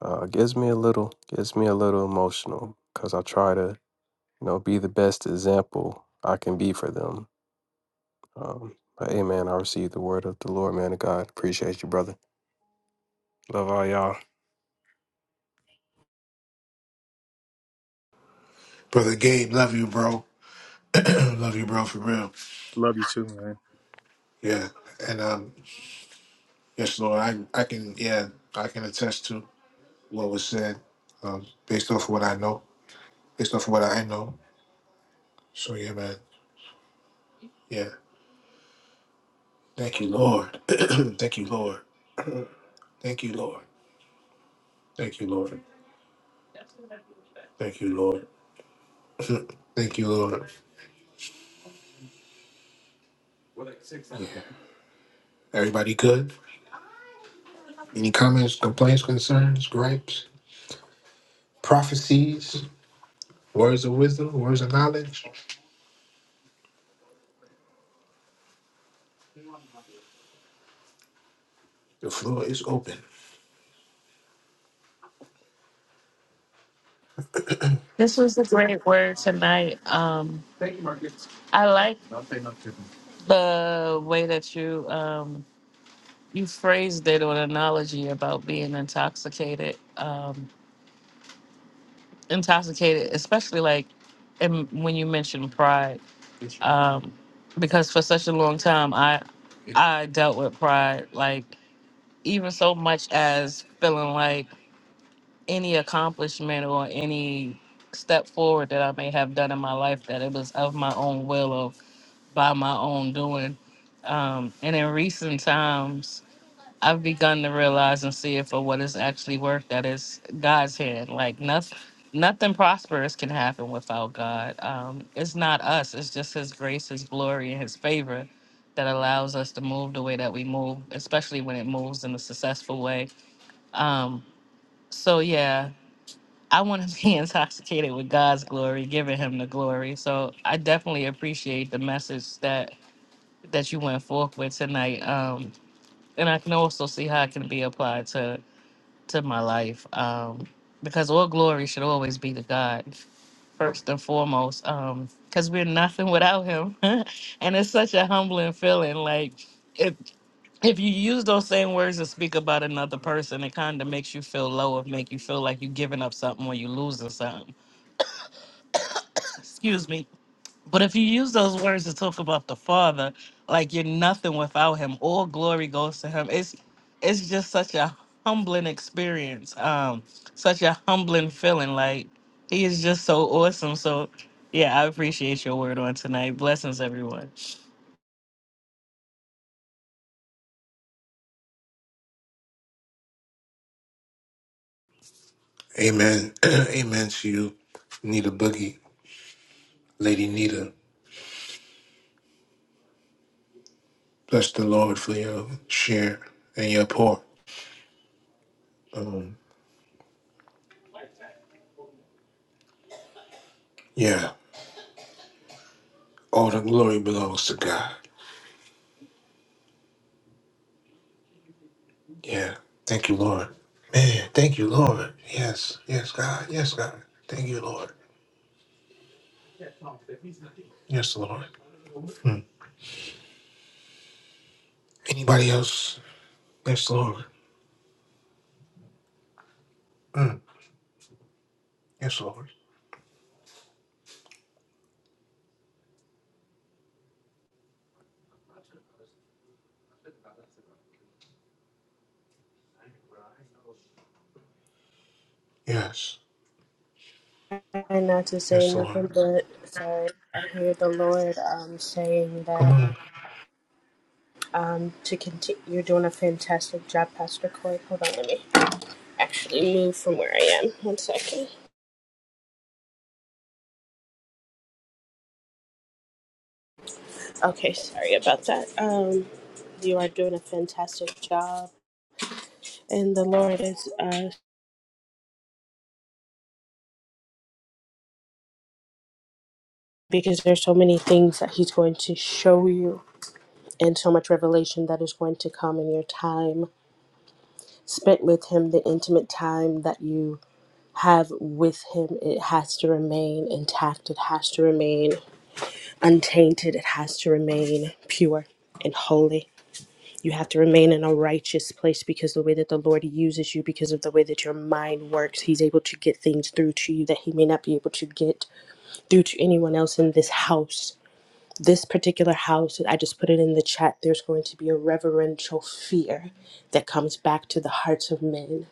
Speaker 7: uh, gives me a little gives me a little emotional because I try to you know be the best example I can be for them. Um, but hey, man, I received the word of the Lord, man. Of God, appreciate you, brother. Love all y'all.
Speaker 2: Brother Gabe, love you, bro. love you, bro, for real.
Speaker 3: Love you too, man.
Speaker 2: Yeah, and um, yes, Lord, I I can yeah I can attest to what was said, um, based off of what I know, based off of what I know. So yeah, man, yeah. Thank you, Lord. Thank you, Lord. Thank you, Lord. Thank you, Lord. Thank you, Lord. Thank you, Lord. Yeah. Everybody good? Any comments, complaints, concerns, gripes, prophecies, words of wisdom, words of knowledge? The floor is open.
Speaker 1: This was a great word tonight. Um, I like the way that you um you phrased it with an analogy about being intoxicated, um, intoxicated, especially like, and when you mentioned pride, um, because for such a long time I, I dealt with pride, like even so much as feeling like any accomplishment or any step forward that I may have done in my life that it was of my own will or by my own doing, um, and in recent times I've begun to realize and see it for what it's actually worth. That is God's hand. Like nothing, nothing prosperous can happen without God. Um, it's not us. It's just His grace, His glory, and His favor that allows us to move the way that we move, especially when it moves in a successful way. Um, so yeah, I want to be intoxicated with God's glory, giving Him the glory. So I definitely appreciate the message that that you went forth with tonight. Um, and I can also see how it can be applied to to my life um, because all glory should always be to God first and foremost because we're nothing without Him, and it's such a humbling feeling. Like if if you use those same words to speak about another person, it kind of makes you feel low, or make you feel like you're giving up something or you're losing something. Excuse me. But if you use those words to talk about the Father, like you're nothing without Him, all glory goes to Him. It's it's just such a humbling experience, um, such a humbling feeling. Like He is just so awesome. So, yeah, I appreciate your word on tonight. Blessings, everyone.
Speaker 2: Amen. Amen to you, Nita Boogie, Lady Nita. Bless the Lord for your share and your pour. Um, yeah, all the glory belongs to God. Yeah, thank you, Lord. Man, thank you, Lord. Yes, yes, God. Yes, God. Thank you, Lord. Yes, Lord. Mm. Anybody else? Yes, Lord. Mm. Yes, Lord. Yes.
Speaker 6: Trying not to say
Speaker 2: Yes, Lord.
Speaker 6: nothing, but sorry. I hear the Lord um saying
Speaker 2: Come
Speaker 6: that
Speaker 2: on.
Speaker 6: um to continue. You're doing a fantastic job, Pastor Coy. Hold on, let me actually move from where I am. One second. Okay, sorry about that. Um, you are doing a fantastic job, and the Lord is uh, because there's so many things that He's going to show you, and so much revelation that is going to come in your time spent with Him, the intimate time that you have with Him. It has to remain intact. It has to remain untainted. It has to remain pure and holy. You have to remain in a righteous place because the way that the Lord uses you, because of the way that your mind works, He's able to get things through to you that He may not be able to get through to anyone else in this house. This particular house, I just put it in the chat, there's going to be a reverential fear that comes back to the hearts of men.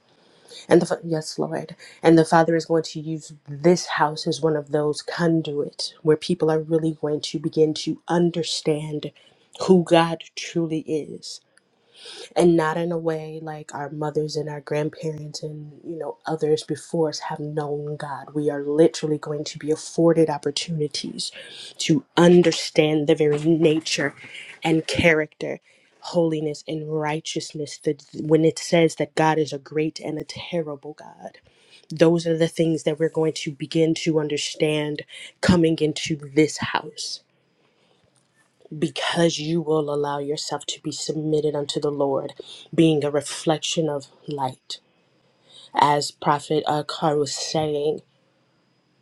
Speaker 6: And the, Fa- yes, Lord. And the Father is going to use this house as one of those conduits where people are really going to begin to understand who God truly is and not in a way like our mothers and our grandparents and you know others before us have known God. We are literally going to be afforded opportunities to understand the very nature and character, holiness and righteousness that when it says that God is a great and a terrible God. Those are the things that we're going to begin to understand coming into this house because you will allow yourself to be submitted unto the Lord, being a reflection of light. As Prophet Akar was saying,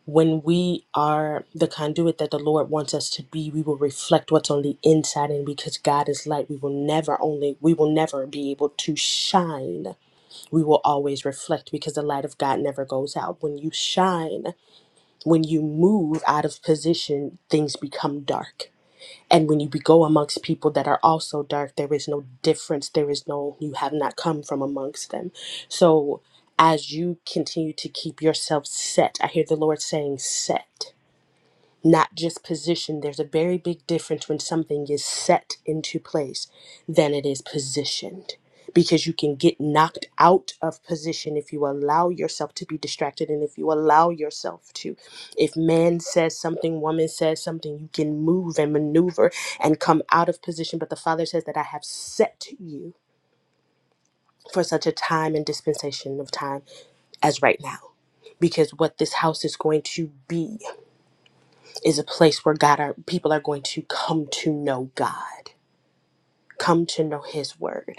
Speaker 6: when we are the conduit that the Lord wants us to be, we will reflect what's on the inside. And because God is light, we will never only, we will never be able to shine. We will always reflect because the light of God never goes out. When you shine, when you move out of position, things become dark and when you be- go amongst people that are also dark, there is no difference. There is no, you have not come from amongst them. So as you continue to keep yourself set, I hear the Lord saying, set not just position. There's a very big difference when something is set into place than it is positioned. Because you can get knocked out of position if you allow yourself to be distracted and if you allow yourself to. If man says something, woman says something, you can move and maneuver and come out of position. But the Father says that I have set you for such a time and dispensation of time as right now because what this house is going to be is a place where God are people are going to come to know God, come to know His word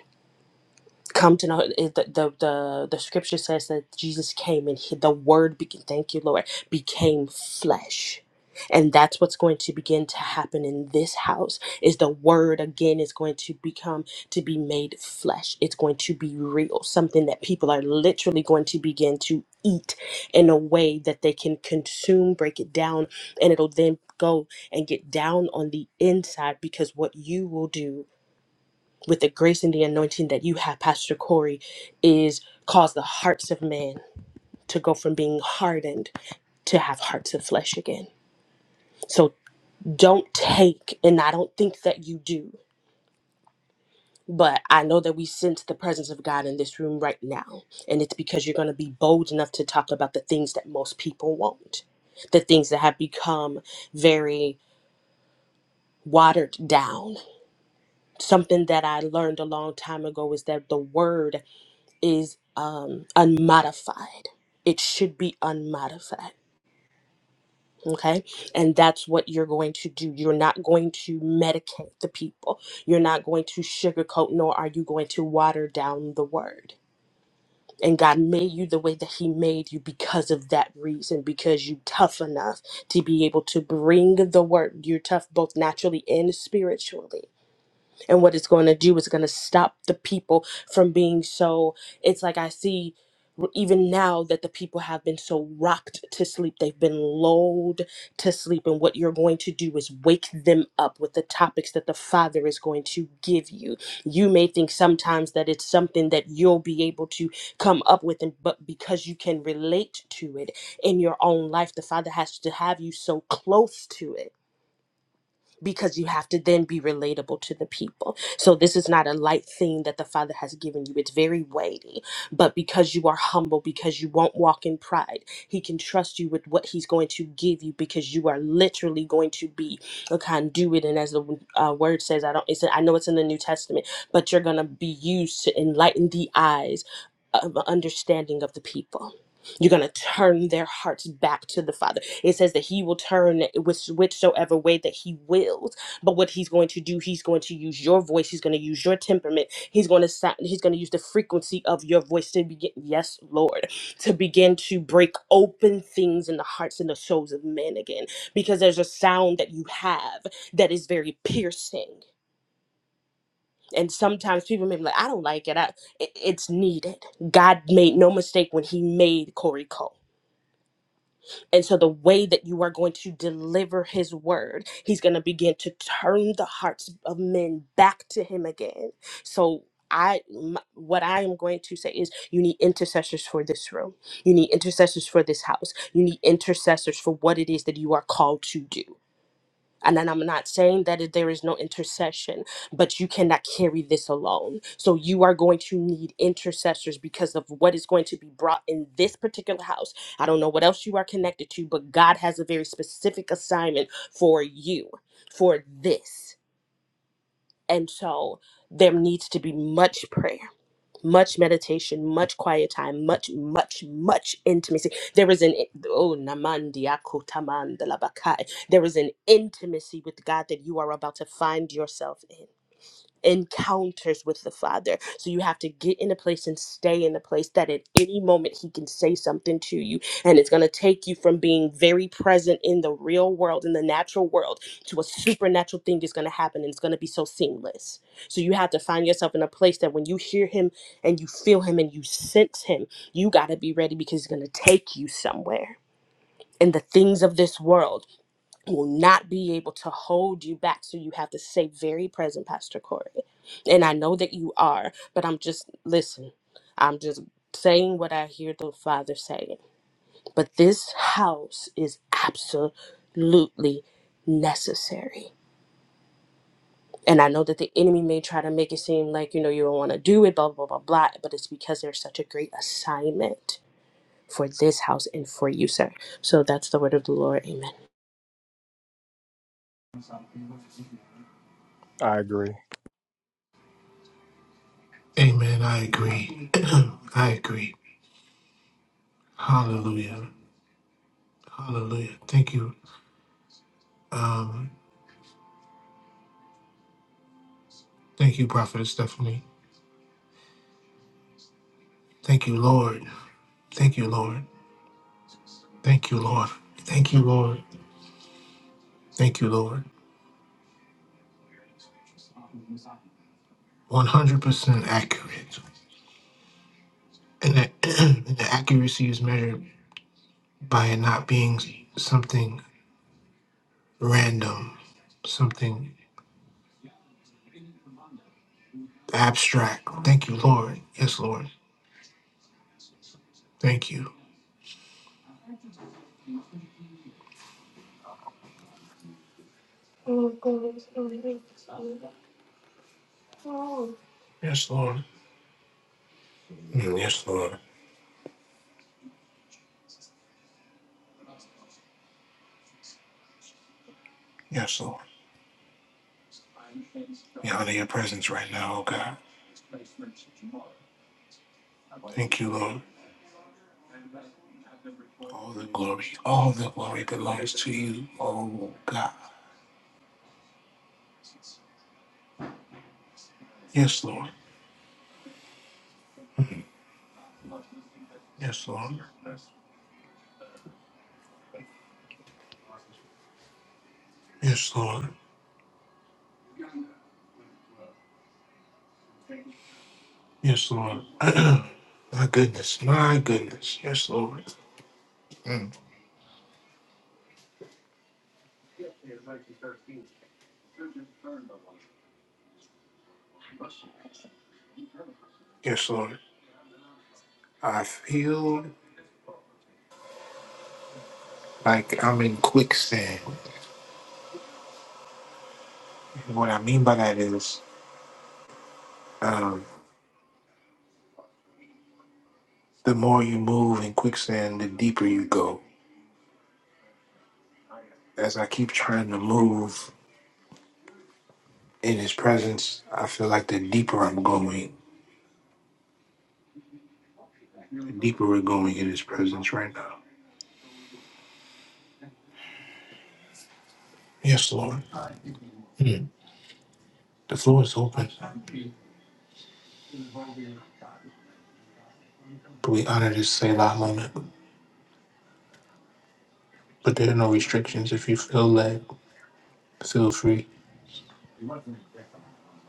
Speaker 6: come to know it- the, the the the scripture says that Jesus came and he, the word became thank you Lord became flesh and that's what's going to begin to happen in this house is the word again is going to become to be made flesh it's going to be real something that people are literally going to begin to eat in a way that they can consume break it down and it'll then go and get down on the inside because what you will do with the grace and the anointing that you have, Pastor Corey, is cause the hearts of men to go from being hardened to have hearts of flesh again. So don't take, and I don't think that you do, but I know that we sense the presence of God in this room right now. And it's because you're going to be bold enough to talk about the things that most people won't, the things that have become very watered down. Something that I learned a long time ago is that the word is um, unmodified. It should be unmodified. Okay. And that's what you're going to do. You're not going to medicate the people. You're not going to sugarcoat, nor are you going to water down the word. And God made you the way that He made you because of that reason, because you are tough enough to be able to bring the word. You're tough both naturally and spiritually and what it's going to do is going to stop the people from being so. It's like I see r- even now that the people have been so rocked to sleep, they've been lulled to sleep. And what you're going to do is wake them up with the topics that the Father is going to give you. You may think sometimes that it's something that you'll be able to come up with, and but because you can relate to it in your own life, the Father has to have you so close to it because you have to then be relatable to the people. So this is not a light thing that the Father has given you. It's very weighty, but because you are humble, because you won't walk in pride, He can trust you with what He's going to give you because you are literally going to be a conduit. And as the uh, word says, I don't. It's I know it's in the New Testament, but you're gonna be used to enlighten the eyes of understanding of the people you're going to turn their hearts back to the father it says that he will turn which whichsoever way that he wills but what he's going to do he's going to use your voice he's going to use your temperament he's going to sa- he's going to use the frequency of your voice to begin yes lord to begin to break open things in the hearts and the souls of men again because there's a sound that you have that is very piercing and sometimes people may be like i don't like it I, it- it's needed god made no mistake when he made corey cole and so, the way that you are going to deliver his word, he's going to begin to turn the hearts of men back to him again. So, I m- what I am going to say is you need intercessors for this room. You need intercessors for this house. You need intercessors for what it is that you are called to do. And then I'm not saying that it- there is no intercession, but you cannot carry this alone. So you are going to need intercessors because of what is going to be brought in this particular house. I don't know what else you are connected to, but God has a very specific assignment for you for this. And so there needs to be much prayer much meditation, much quiet time, much, much, much intimacy. There is an oh namandiako tamandalabakai. There is an intimacy with God that you are about to find yourself in encounters with the Father. So you have to get in a place and stay in a place that at any moment He can say something to you. And it's going to take you from being very present in the real world, in the natural world, to a supernatural thing is going to happen. And it's going to be so seamless. So you have to find yourself in a place that when you hear Him and you feel Him and you sense Him, you got to be ready because He's going to take you somewhere. And the things of this world will not be able to hold you back. So you have to stay very present, Pastor Corey. And I know that you are, but I'm just, listen, I'm just saying what I hear the Father saying. But this house is absolutely necessary. And I know that the enemy may try to make it seem like, you know, you don't want to do it, blah, blah, blah, blah. But it's because there's such a great assignment for this house and for you, sir. So that's the word of the Lord. Amen.
Speaker 3: I agree,
Speaker 2: Amen. I agree. I agree. Hallelujah. Hallelujah. Thank you. Um, thank you, Prophet Stephanie. Thank you, Lord. Thank you, Lord. Thank you, Lord. Thank you, Lord. Thank you, Lord. 100% accurate. And the, and the accuracy is measured by it not being something random, something abstract. Thank you, Lord. Yes, Lord. Thank you. Yes, Lord. Mm, Yes, Lord. Yes, Lord. We honor your presence right now, oh God. Thank you, Lord. All the glory, all the glory belongs to you, oh God. Yes, Lord. Yes, Lord. Yes, Lord. Yes, Lord. my goodness. My goodness. Yes, Lord. Mm. Yes, Lord. I feel like I'm in quicksand. What I mean by that is um, the more you move in quicksand, the deeper you go. As I keep trying to move in his presence, I feel like the deeper I'm going, the deeper we're going in his presence right now. Yes, Lord. Mm. The floor is open. We honor this Selah moment, but there are no restrictions. If you feel led, feel free.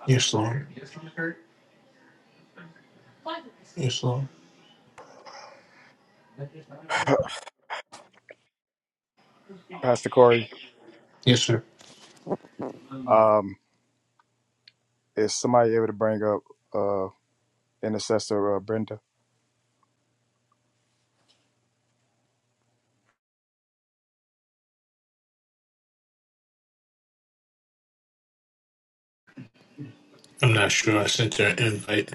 Speaker 2: Yes, Lord. Yes, Lord.
Speaker 3: Pastor Corey.
Speaker 2: Yes, sir.
Speaker 3: um, Is somebody able to bring up uh, intercessor uh, Brenda?
Speaker 2: I'm not sure. I sent her an invite.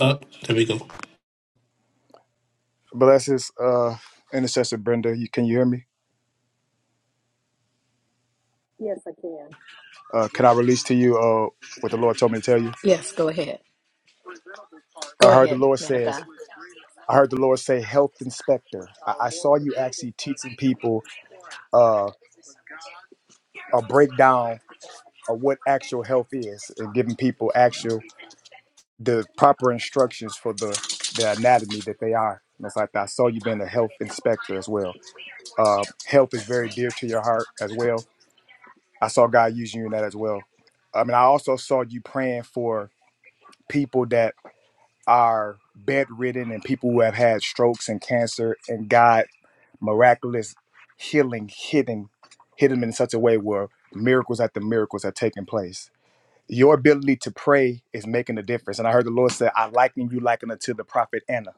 Speaker 2: Up. there we go.
Speaker 3: Bless his uh, intercessor Brenda. You, can you hear me? Uh, can I release to you uh, what the Lord told me to tell you? I heard the Lord says. I heard the Lord say, "Health inspector." I, I saw you actually teaching people uh, a breakdown of what actual health is and giving people actual the proper instructions for the the anatomy that they are. And It's like I saw you being a health inspector as well. Uh, health is very dear to your heart as well I saw God using you in that as well. I mean, I also saw you praying for people that are bedridden and people who have had strokes and cancer, and God miraculous healing hitting hit them in such a way where miracles after miracles are taking place. Your ability to pray is making a difference. And I heard the Lord say, I liken you liken unto the prophet Anna.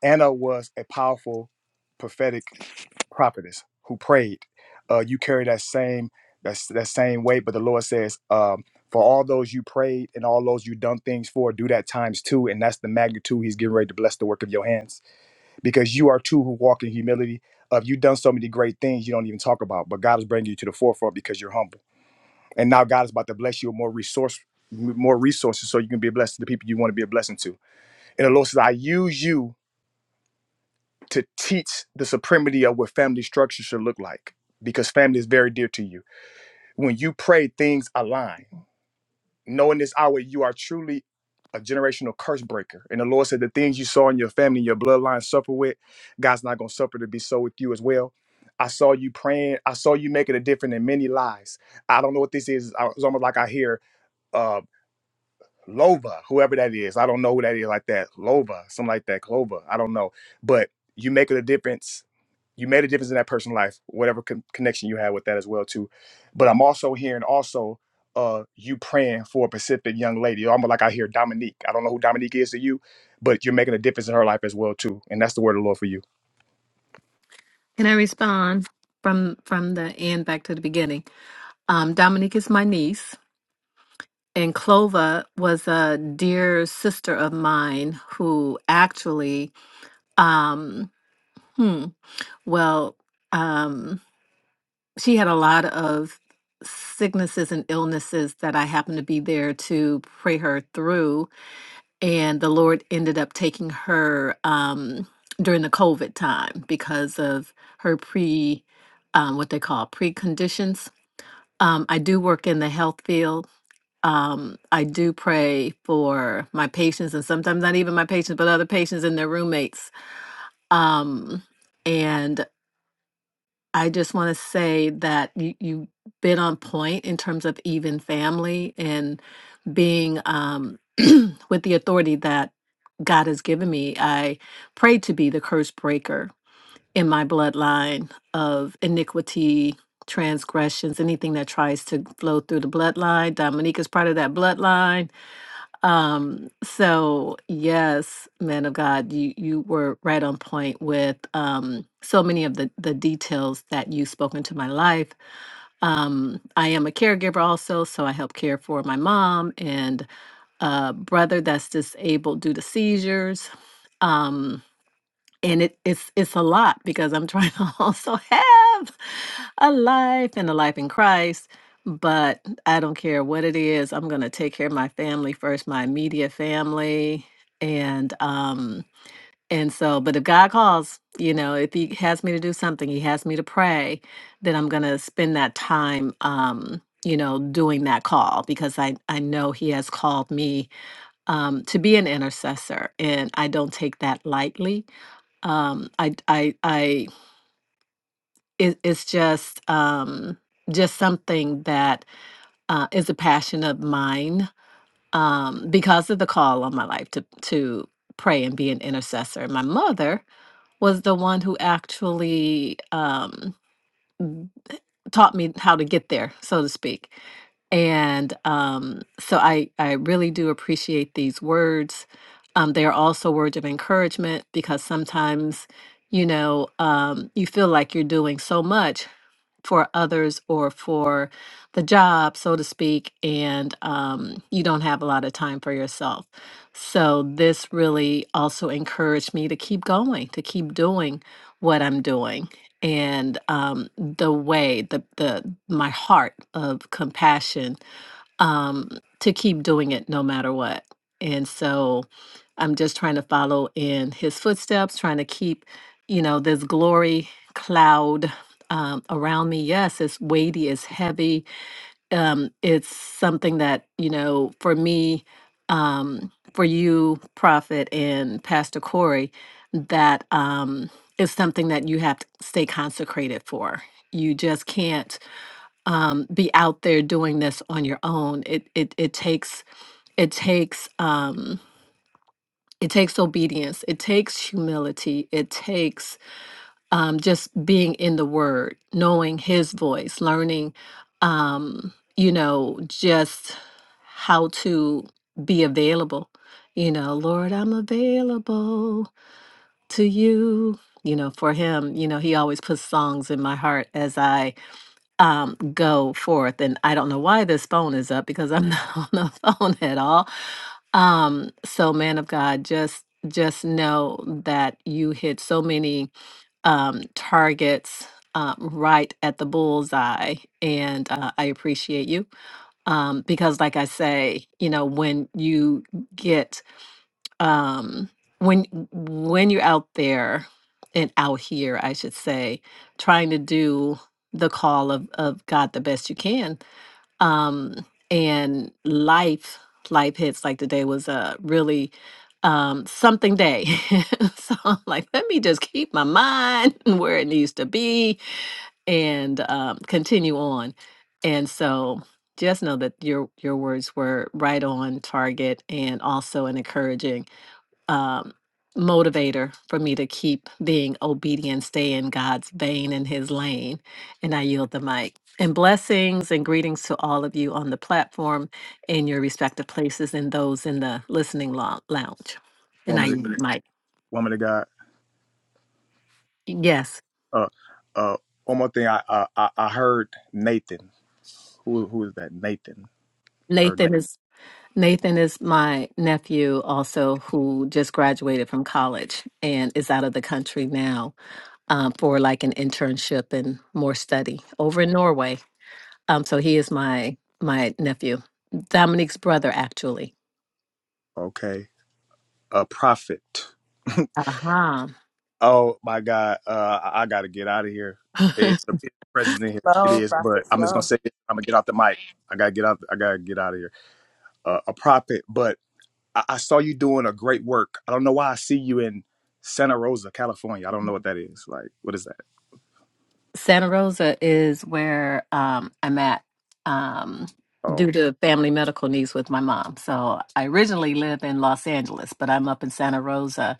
Speaker 3: Anna was a powerful prophetic prophetess who prayed. Uh, you carry that same that, that same weight, but the Lord says, um, for all those you prayed and all those you done things for, do that times two, and that's the magnitude He's getting ready to bless the work of your hands because you are two who walk in humility. Of you done so many great things you don't even talk about, but God is bringing you to the forefront because you're humble, and now God is about to bless you with more resource, more resources, so you can be a blessing to the people you want to be a blessing to. And the Lord says, I use you to teach the supremacy of what family structure should look like because family is very dear to you. When you pray, things align. Knowing this hour, you are truly a generational curse breaker. And the Lord said, The things you saw in your family, your bloodline suffer with, God's not going to suffer to be so with you as well. I saw you praying. I saw you making a difference in many lives. I don't know what this is. I- It's almost like I hear uh, Lova, whoever that is. I don't know who that is like that. Lova, something like that. Clover, I don't know. But you make it a difference. You made a difference in that person's life, whatever con- connection you had with that as well too. But I'm also hearing also uh you praying for a Pacific young lady. I'm like I hear Dominique. I don't know who Dominique is to you, but you're making a difference in her life as well too. And that's the word of the Lord for you,
Speaker 8: Can I respond from from the end back to the beginning? Um, Dominique is my niece, and Clova was a dear sister of mine who actually, um, hmm, well, um, she had a lot of sicknesses and illnesses that I happened to be there to pray her through, and the Lord ended up taking her um, during the COVID time because of her pre. Um, what they call preconditions Um, I do work in the health field. Um, I do pray for my patients and sometimes not even my patients, but other patients and their roommates. Um, and I just want to say that you, you've been on point in terms of even family and being um, with the authority that God has given me. I pray to be the curse breaker in my bloodline of iniquity, transgressions, anything that tries to flow through the bloodline. Dominique is part of that bloodline. Um, so yes, man of God, you you were right on point with um so many of the the details that you spoke into my life. Um, I am a caregiver also, so I help care for my mom and a brother that's disabled due to seizures. Um, and it, it's it's a lot because I'm trying to also have a life and a life in Christ. But I don't care what it is. I'm gonna take care of my family first, my immediate family, and um and so. But if God calls, you know, if He has me to do something, He has me to pray, then I'm gonna spend that time, um, you know, doing that call because I I know He has called me um, to be an intercessor, and I don't take that lightly um i i i it, it's just um just something that uh is a passion of mine um because of the call on my life to to pray and be an intercessor my mother was the one who actually um, taught me how to get there, so to speak. And um, so I, I really do appreciate these words. Um, they are also words of encouragement because sometimes, you know, um, you feel like you're doing so much for others or for the job, so to speak, and um, you don't have a lot of time for yourself. So, this really also encouraged me to keep going, to keep doing what I'm doing. And um, the way, the, the my heart of compassion um, to keep doing it no matter what. And so I'm just trying to follow in his footsteps, trying to keep, you know, this glory cloud um, around me. Yes, it's weighty, it's heavy. Um, it's something that, you know, for me, um, for you, Prophet and Pastor Corey, that um, is something that you have to stay consecrated for. You just can't um, be out there doing this on your own. It it it takes it takes um, it takes obedience. It takes humility. It takes um, just being in the Word, knowing His voice, learning, um, you know, just how to be available. You know, Lord, I'm available to you. You know, for Him, you know, He always puts songs in my heart as I um, go forth. And I don't know why this phone is up because I'm not on the phone at all. Um, so man of God, just just know that you hit so many um, targets um, right at the bullseye, and uh, I appreciate you um, because, like I say, you know, when you get um when when you're out there and out here i should say trying to do the call of of god the best you can um and life life hits like today was a really um something day so i'm like let me just keep my mind where it needs to be and um continue on and so just know that your your words were right on target and also an encouraging um, motivator for me to keep being obedient, stay in God's vein in his lane. And I yield the mic. And blessings and greetings to all of you on the platform in your respective places and those in the listening lo- lounge. And I
Speaker 3: woman. Of,
Speaker 8: yield the mic.
Speaker 3: woman of God.
Speaker 8: Yes.
Speaker 3: Uh, uh, one more thing. I I I I heard Nathan. Who who is that? Nathan. Heard Nathan.
Speaker 8: Nathan is Nathan is my nephew also who just graduated from college and is out of the country now um, for like an internship and more study over in Norway Um, so he is my my nephew, Dominique's brother, actually.
Speaker 3: Okay. a prophet.
Speaker 8: Uh
Speaker 3: Oh my God, uh, I, I got to get out of here.
Speaker 8: huh.
Speaker 3: It, It's the here. It
Speaker 6: Flow,
Speaker 3: is, but
Speaker 6: prophet,
Speaker 3: I'm just gonna
Speaker 6: flow.
Speaker 3: say it. I'm gonna get off the mic. I gotta get out. I gotta get out of here. Uh, a prophet, but I, I saw you doing a great work. I don't know why I see you in Santa Rosa, California. I don't know what that is. Like, what is that?
Speaker 8: Santa Rosa is where um, I'm at um,
Speaker 3: Oh,
Speaker 8: due to family medical needs with my mom. So I originally live in Los Angeles, but I'm up in Santa Rosa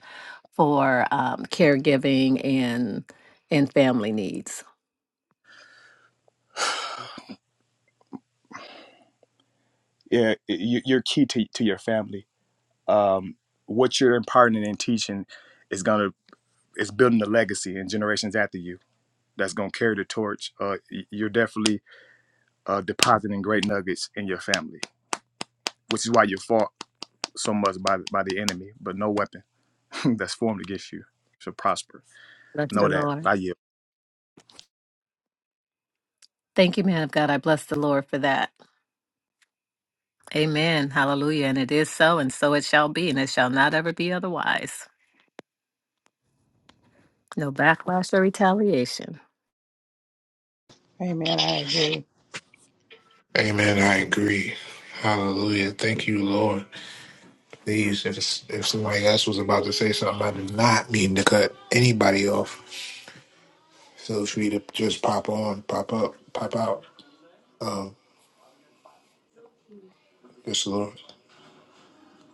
Speaker 8: for um, caregiving and and family needs.
Speaker 3: yeah, it- you, you're key to to your family. Um, what you're imparting and teaching is gonna is building a legacy in generations after you. That's gonna carry the torch. Uh, y- you're definitely uh, depositing great nuggets in your family, which is why you're fought so much by by the enemy. But no weapon that's formed against you shall prosper.
Speaker 8: Bless the
Speaker 3: Know that.
Speaker 8: Lord.
Speaker 3: I yield.
Speaker 8: Thank you, man of God. I bless the Lord for that. Amen. Hallelujah. And it is so, and so it shall be, and it shall not ever be otherwise. No backlash or retaliation.
Speaker 5: Amen. I agree.
Speaker 2: Amen. I agree. Hallelujah. Thank you, Lord. Please, if if somebody else was about to say something, I did not mean to cut anybody off. Feel free to just pop on, pop up, pop out. Um, yes, Lord.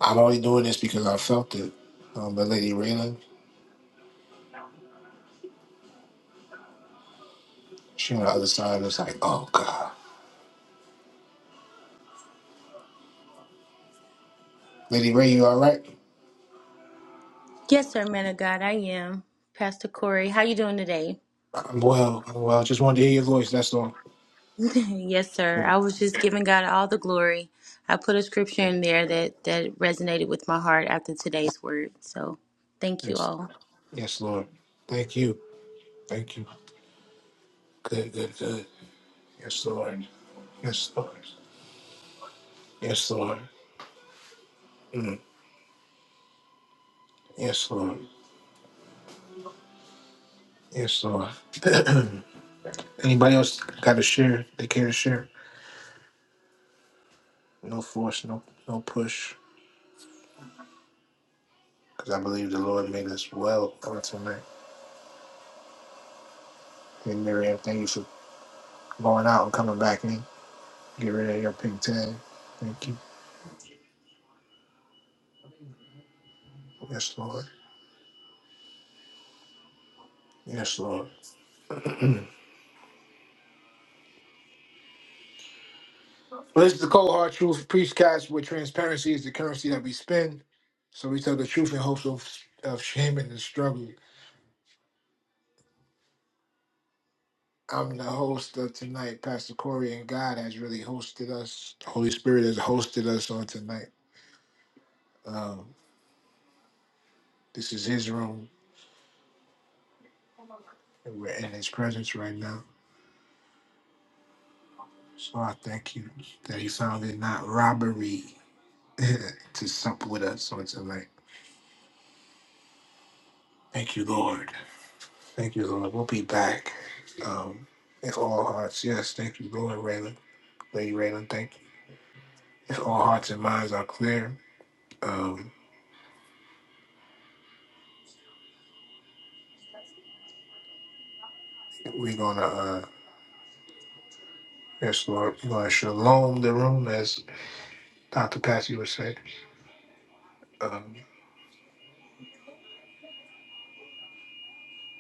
Speaker 2: I'm only doing this because I felt it. Um, but Lady Raylan, she on the other side was like, "Oh God, Lady Ray, you all right?
Speaker 9: Yes, sir, man of God, I am. Pastor Corey, how you doing today?
Speaker 2: I'm well. I'm well. Just wanted to hear your voice. That's all."
Speaker 9: yes, sir.
Speaker 2: Yeah.
Speaker 9: I was just giving God all the glory. I put a scripture in there that that resonated with my heart after today's word. So, thank you
Speaker 2: Yes.
Speaker 9: all.
Speaker 2: Yes, Lord. Thank you. Thank you. Good, good, good. Yes, Lord. Yes, Lord. Yes, Lord. Mm. Yes, Lord. Yes, Lord. Anybody else got to share? They care to share? No force, no no push. Because I believe the Lord made us well on tonight. And Miriam, thank you for going out and coming back in. Get rid of your pink tag. Thank you. Yes, Lord. Yes, Lord. Well, this is the cold hard truth preached where transparency is the currency that we spend. So we tell the truth in hopes of, of shame and the struggle. I'm the host of tonight. Pastor Corey and God has really hosted us. The Holy Spirit has hosted us on tonight. Um, this is His room, and we're in His presence right now. So I thank you that He found it not robbery to sup with us on tonight. Thank you, Lord. Thank you, Lord. We'll be back. Um, if all hearts, yes, thank you, Lord, Raylan. Lady Raylan, thank you. If all hearts and minds are clear, um, we're gonna uh, yes, Lord, we're gonna shalom the room, as Doctor Patsy would say. Um,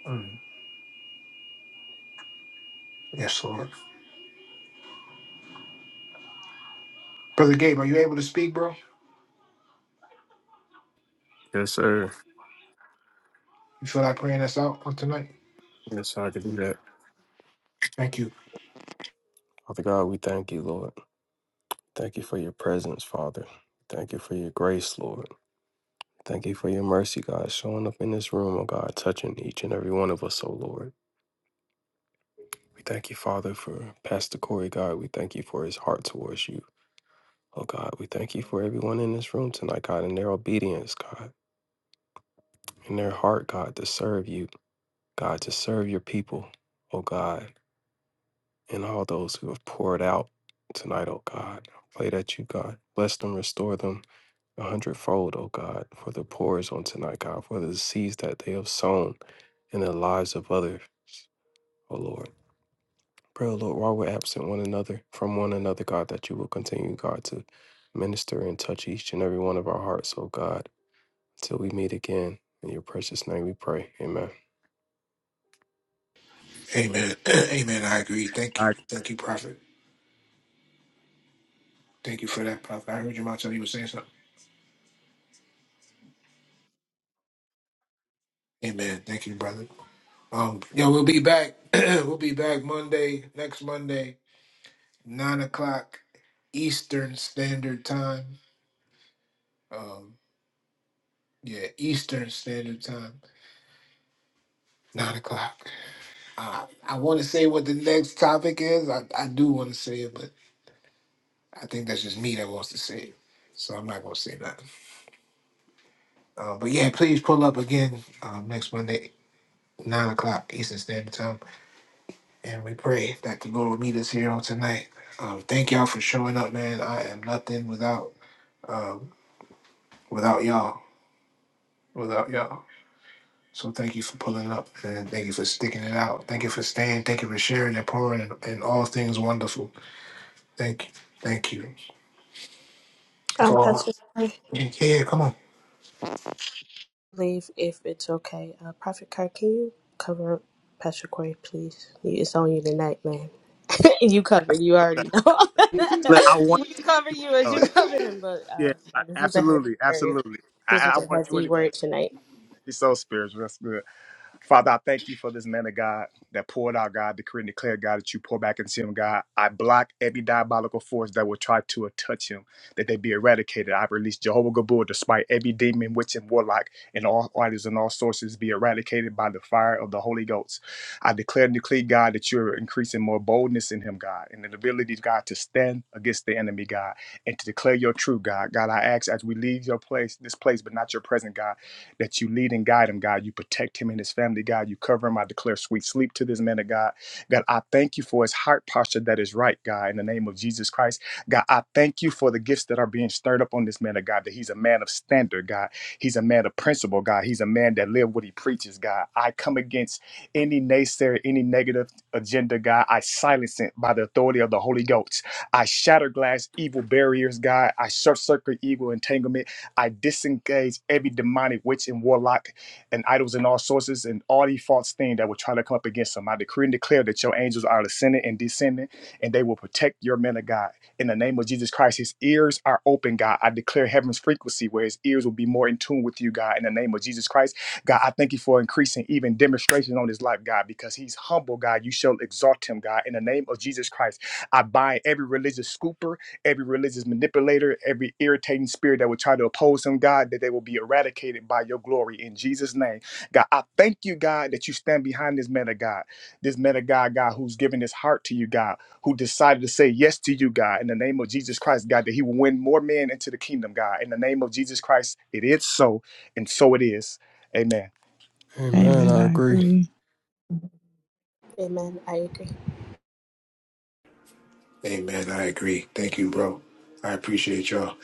Speaker 2: mm, yes, Lord. Brother Gabe, are you able to speak, bro?
Speaker 7: Yes, sir.
Speaker 2: You feel like praying us out on tonight?
Speaker 7: Yes, sir, I can do that.
Speaker 2: Thank you.
Speaker 7: Father God, we thank you, Lord. Thank you for your presence, Father. Thank you for your grace, Lord. Thank you for your mercy, God, showing up in this room, oh God, touching each and every one of us, oh Lord. We thank you, Father, for Pastor Corey, God. We thank you for his heart towards you, oh God. We thank you for everyone in this room tonight, God, and their obedience, God, and their heart, God, to serve you, God, to serve your people, oh God, and all those who have poured out tonight, oh God. I pray that you, God, bless them, restore them a hundredfold, O God, for the pours on tonight, God, for the seeds that they have sown in the lives of others, O Lord. Pray, O Lord, while we're absent one another from one another, God, that you will continue, God, to minister and touch each and every one of our hearts, O God, until we meet again. In your precious name we pray. Amen.
Speaker 2: Amen. Amen. I agree. Thank
Speaker 3: I,
Speaker 2: you. Thank you, Prophet. Thank you for that, Prophet. I heard your mouth tell you were saying something. Amen. Thank you, brother. Um, yo, we'll be back. we'll be back Monday, next Monday, nine o'clock Eastern Standard Time. um, yeah, Eastern Standard Time, nine o'clock. Uh, I want to say what the next topic is. I, I do want to say it, but I think that's just me that wants to say it. So I'm not going to say nothing. Uh, but yeah, please pull up again um, next Monday, nine o'clock Eastern Standard Time. And we pray that the Lord will meet us here on tonight. Um, thank y'all for showing up, man. I am nothing without um, without y'all. Without y'all. So thank you for pulling up and thank you for sticking it out. Thank you for staying. Thank you for sharing and pouring and, and all things wonderful. Thank you. Thank you. If
Speaker 6: Um,
Speaker 2: all,
Speaker 6: Pastor. Corey?
Speaker 2: yeah, yeah, come on.
Speaker 6: leave if it's okay. Uh, Prophet Kirk, can you cover Pastor Corey, please? You- It's on you tonight, man. you cover. You already know.
Speaker 3: look, I
Speaker 6: we
Speaker 3: wanted
Speaker 6: cover
Speaker 3: to.
Speaker 6: you as
Speaker 3: Uh,
Speaker 6: you cover him, but
Speaker 3: yeah,
Speaker 6: uh,
Speaker 3: I,
Speaker 6: yeah, this was a heavy
Speaker 3: absolutely,
Speaker 6: word.
Speaker 3: absolutely. I,
Speaker 6: This
Speaker 3: I
Speaker 6: was a
Speaker 3: wanted to
Speaker 6: heavy
Speaker 3: anyway.
Speaker 6: word tonight.
Speaker 3: He's so spiritual. That's good. Father, I thank you for this man of God that poured out, God, decree and declare, God, that you pour back into him, God. I block every diabolical force that will try to touch him, that they be eradicated. I release Jehovah Gabor, despite every demon, witch, and warlock, and all artists and all sources be eradicated by the fire of the Holy Ghost. I declare and decree, God, that you're increasing more boldness in him, God, and the ability, God, to stand against the enemy, God, and to declare your truth, God. God, I ask as we leave your place, this place, but not your presence, God that you lead and guide him, God. You protect him and his family, God. You cover him. I declare sweet sleep to this man of God. God, I thank you for his heart posture that is right, God, in the name of Jesus Christ. God, I thank you for the gifts that are being stirred up on this man of God, that he's a man of standard, God. He's a man of principle, God. He's a man that lives what he preaches, God. I come against any naysayer, any negative agenda, God. I silence it by the authority of the Holy Ghost. I shatter glass evil barriers, God. I short circuit evil entanglement. I disengage every demonic witch and warlock and idols and all sources and all these false things that will try to come up against them. I decree and declare that your angels are ascending and descending, and they will protect your men of God. In the name of Jesus Christ, his ears are open, God. I declare heaven's frequency where his ears will be more in tune with you, God. In the name of Jesus Christ, God, I thank you for increasing even demonstration on his life, God, because he's humble, God. You shall exalt him, God. In the name of Jesus Christ, I bind every religious scooper every religious manipulator, every irritating spirit that would try to oppose him, God, that they will be eradicated by your glory in Jesus' name. God, I thank you, God, that you stand behind this man of God, this man of God, God, who's given his heart to you, God, who decided to say yes to you, God, in the name of Jesus Christ, God, that he will win more men into the kingdom, God. In the name of Jesus Christ, it is so, and so it is. Amen.
Speaker 7: Amen.
Speaker 5: Amen.
Speaker 7: I
Speaker 5: I
Speaker 7: agree.
Speaker 5: agree.
Speaker 6: Amen. I agree.
Speaker 2: Amen. I agree. Thank you, bro. I appreciate y'all.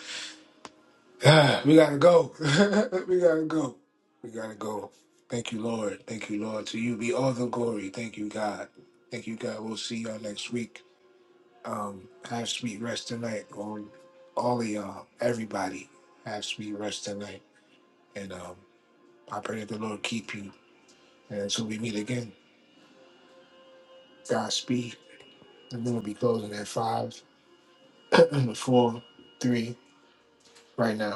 Speaker 2: Ah, we gotta go. we gotta go. We gotta go. Thank you, Lord. Thank you, Lord. To you be all the glory. Thank you, God. Thank you, God. We'll see y'all next week. Um, have sweet rest tonight on all of y'all. Everybody, have sweet rest tonight. And um, I pray that the Lord keep you. And until we meet again, Godspeed. And then we'll be closing at five, four, three, right now.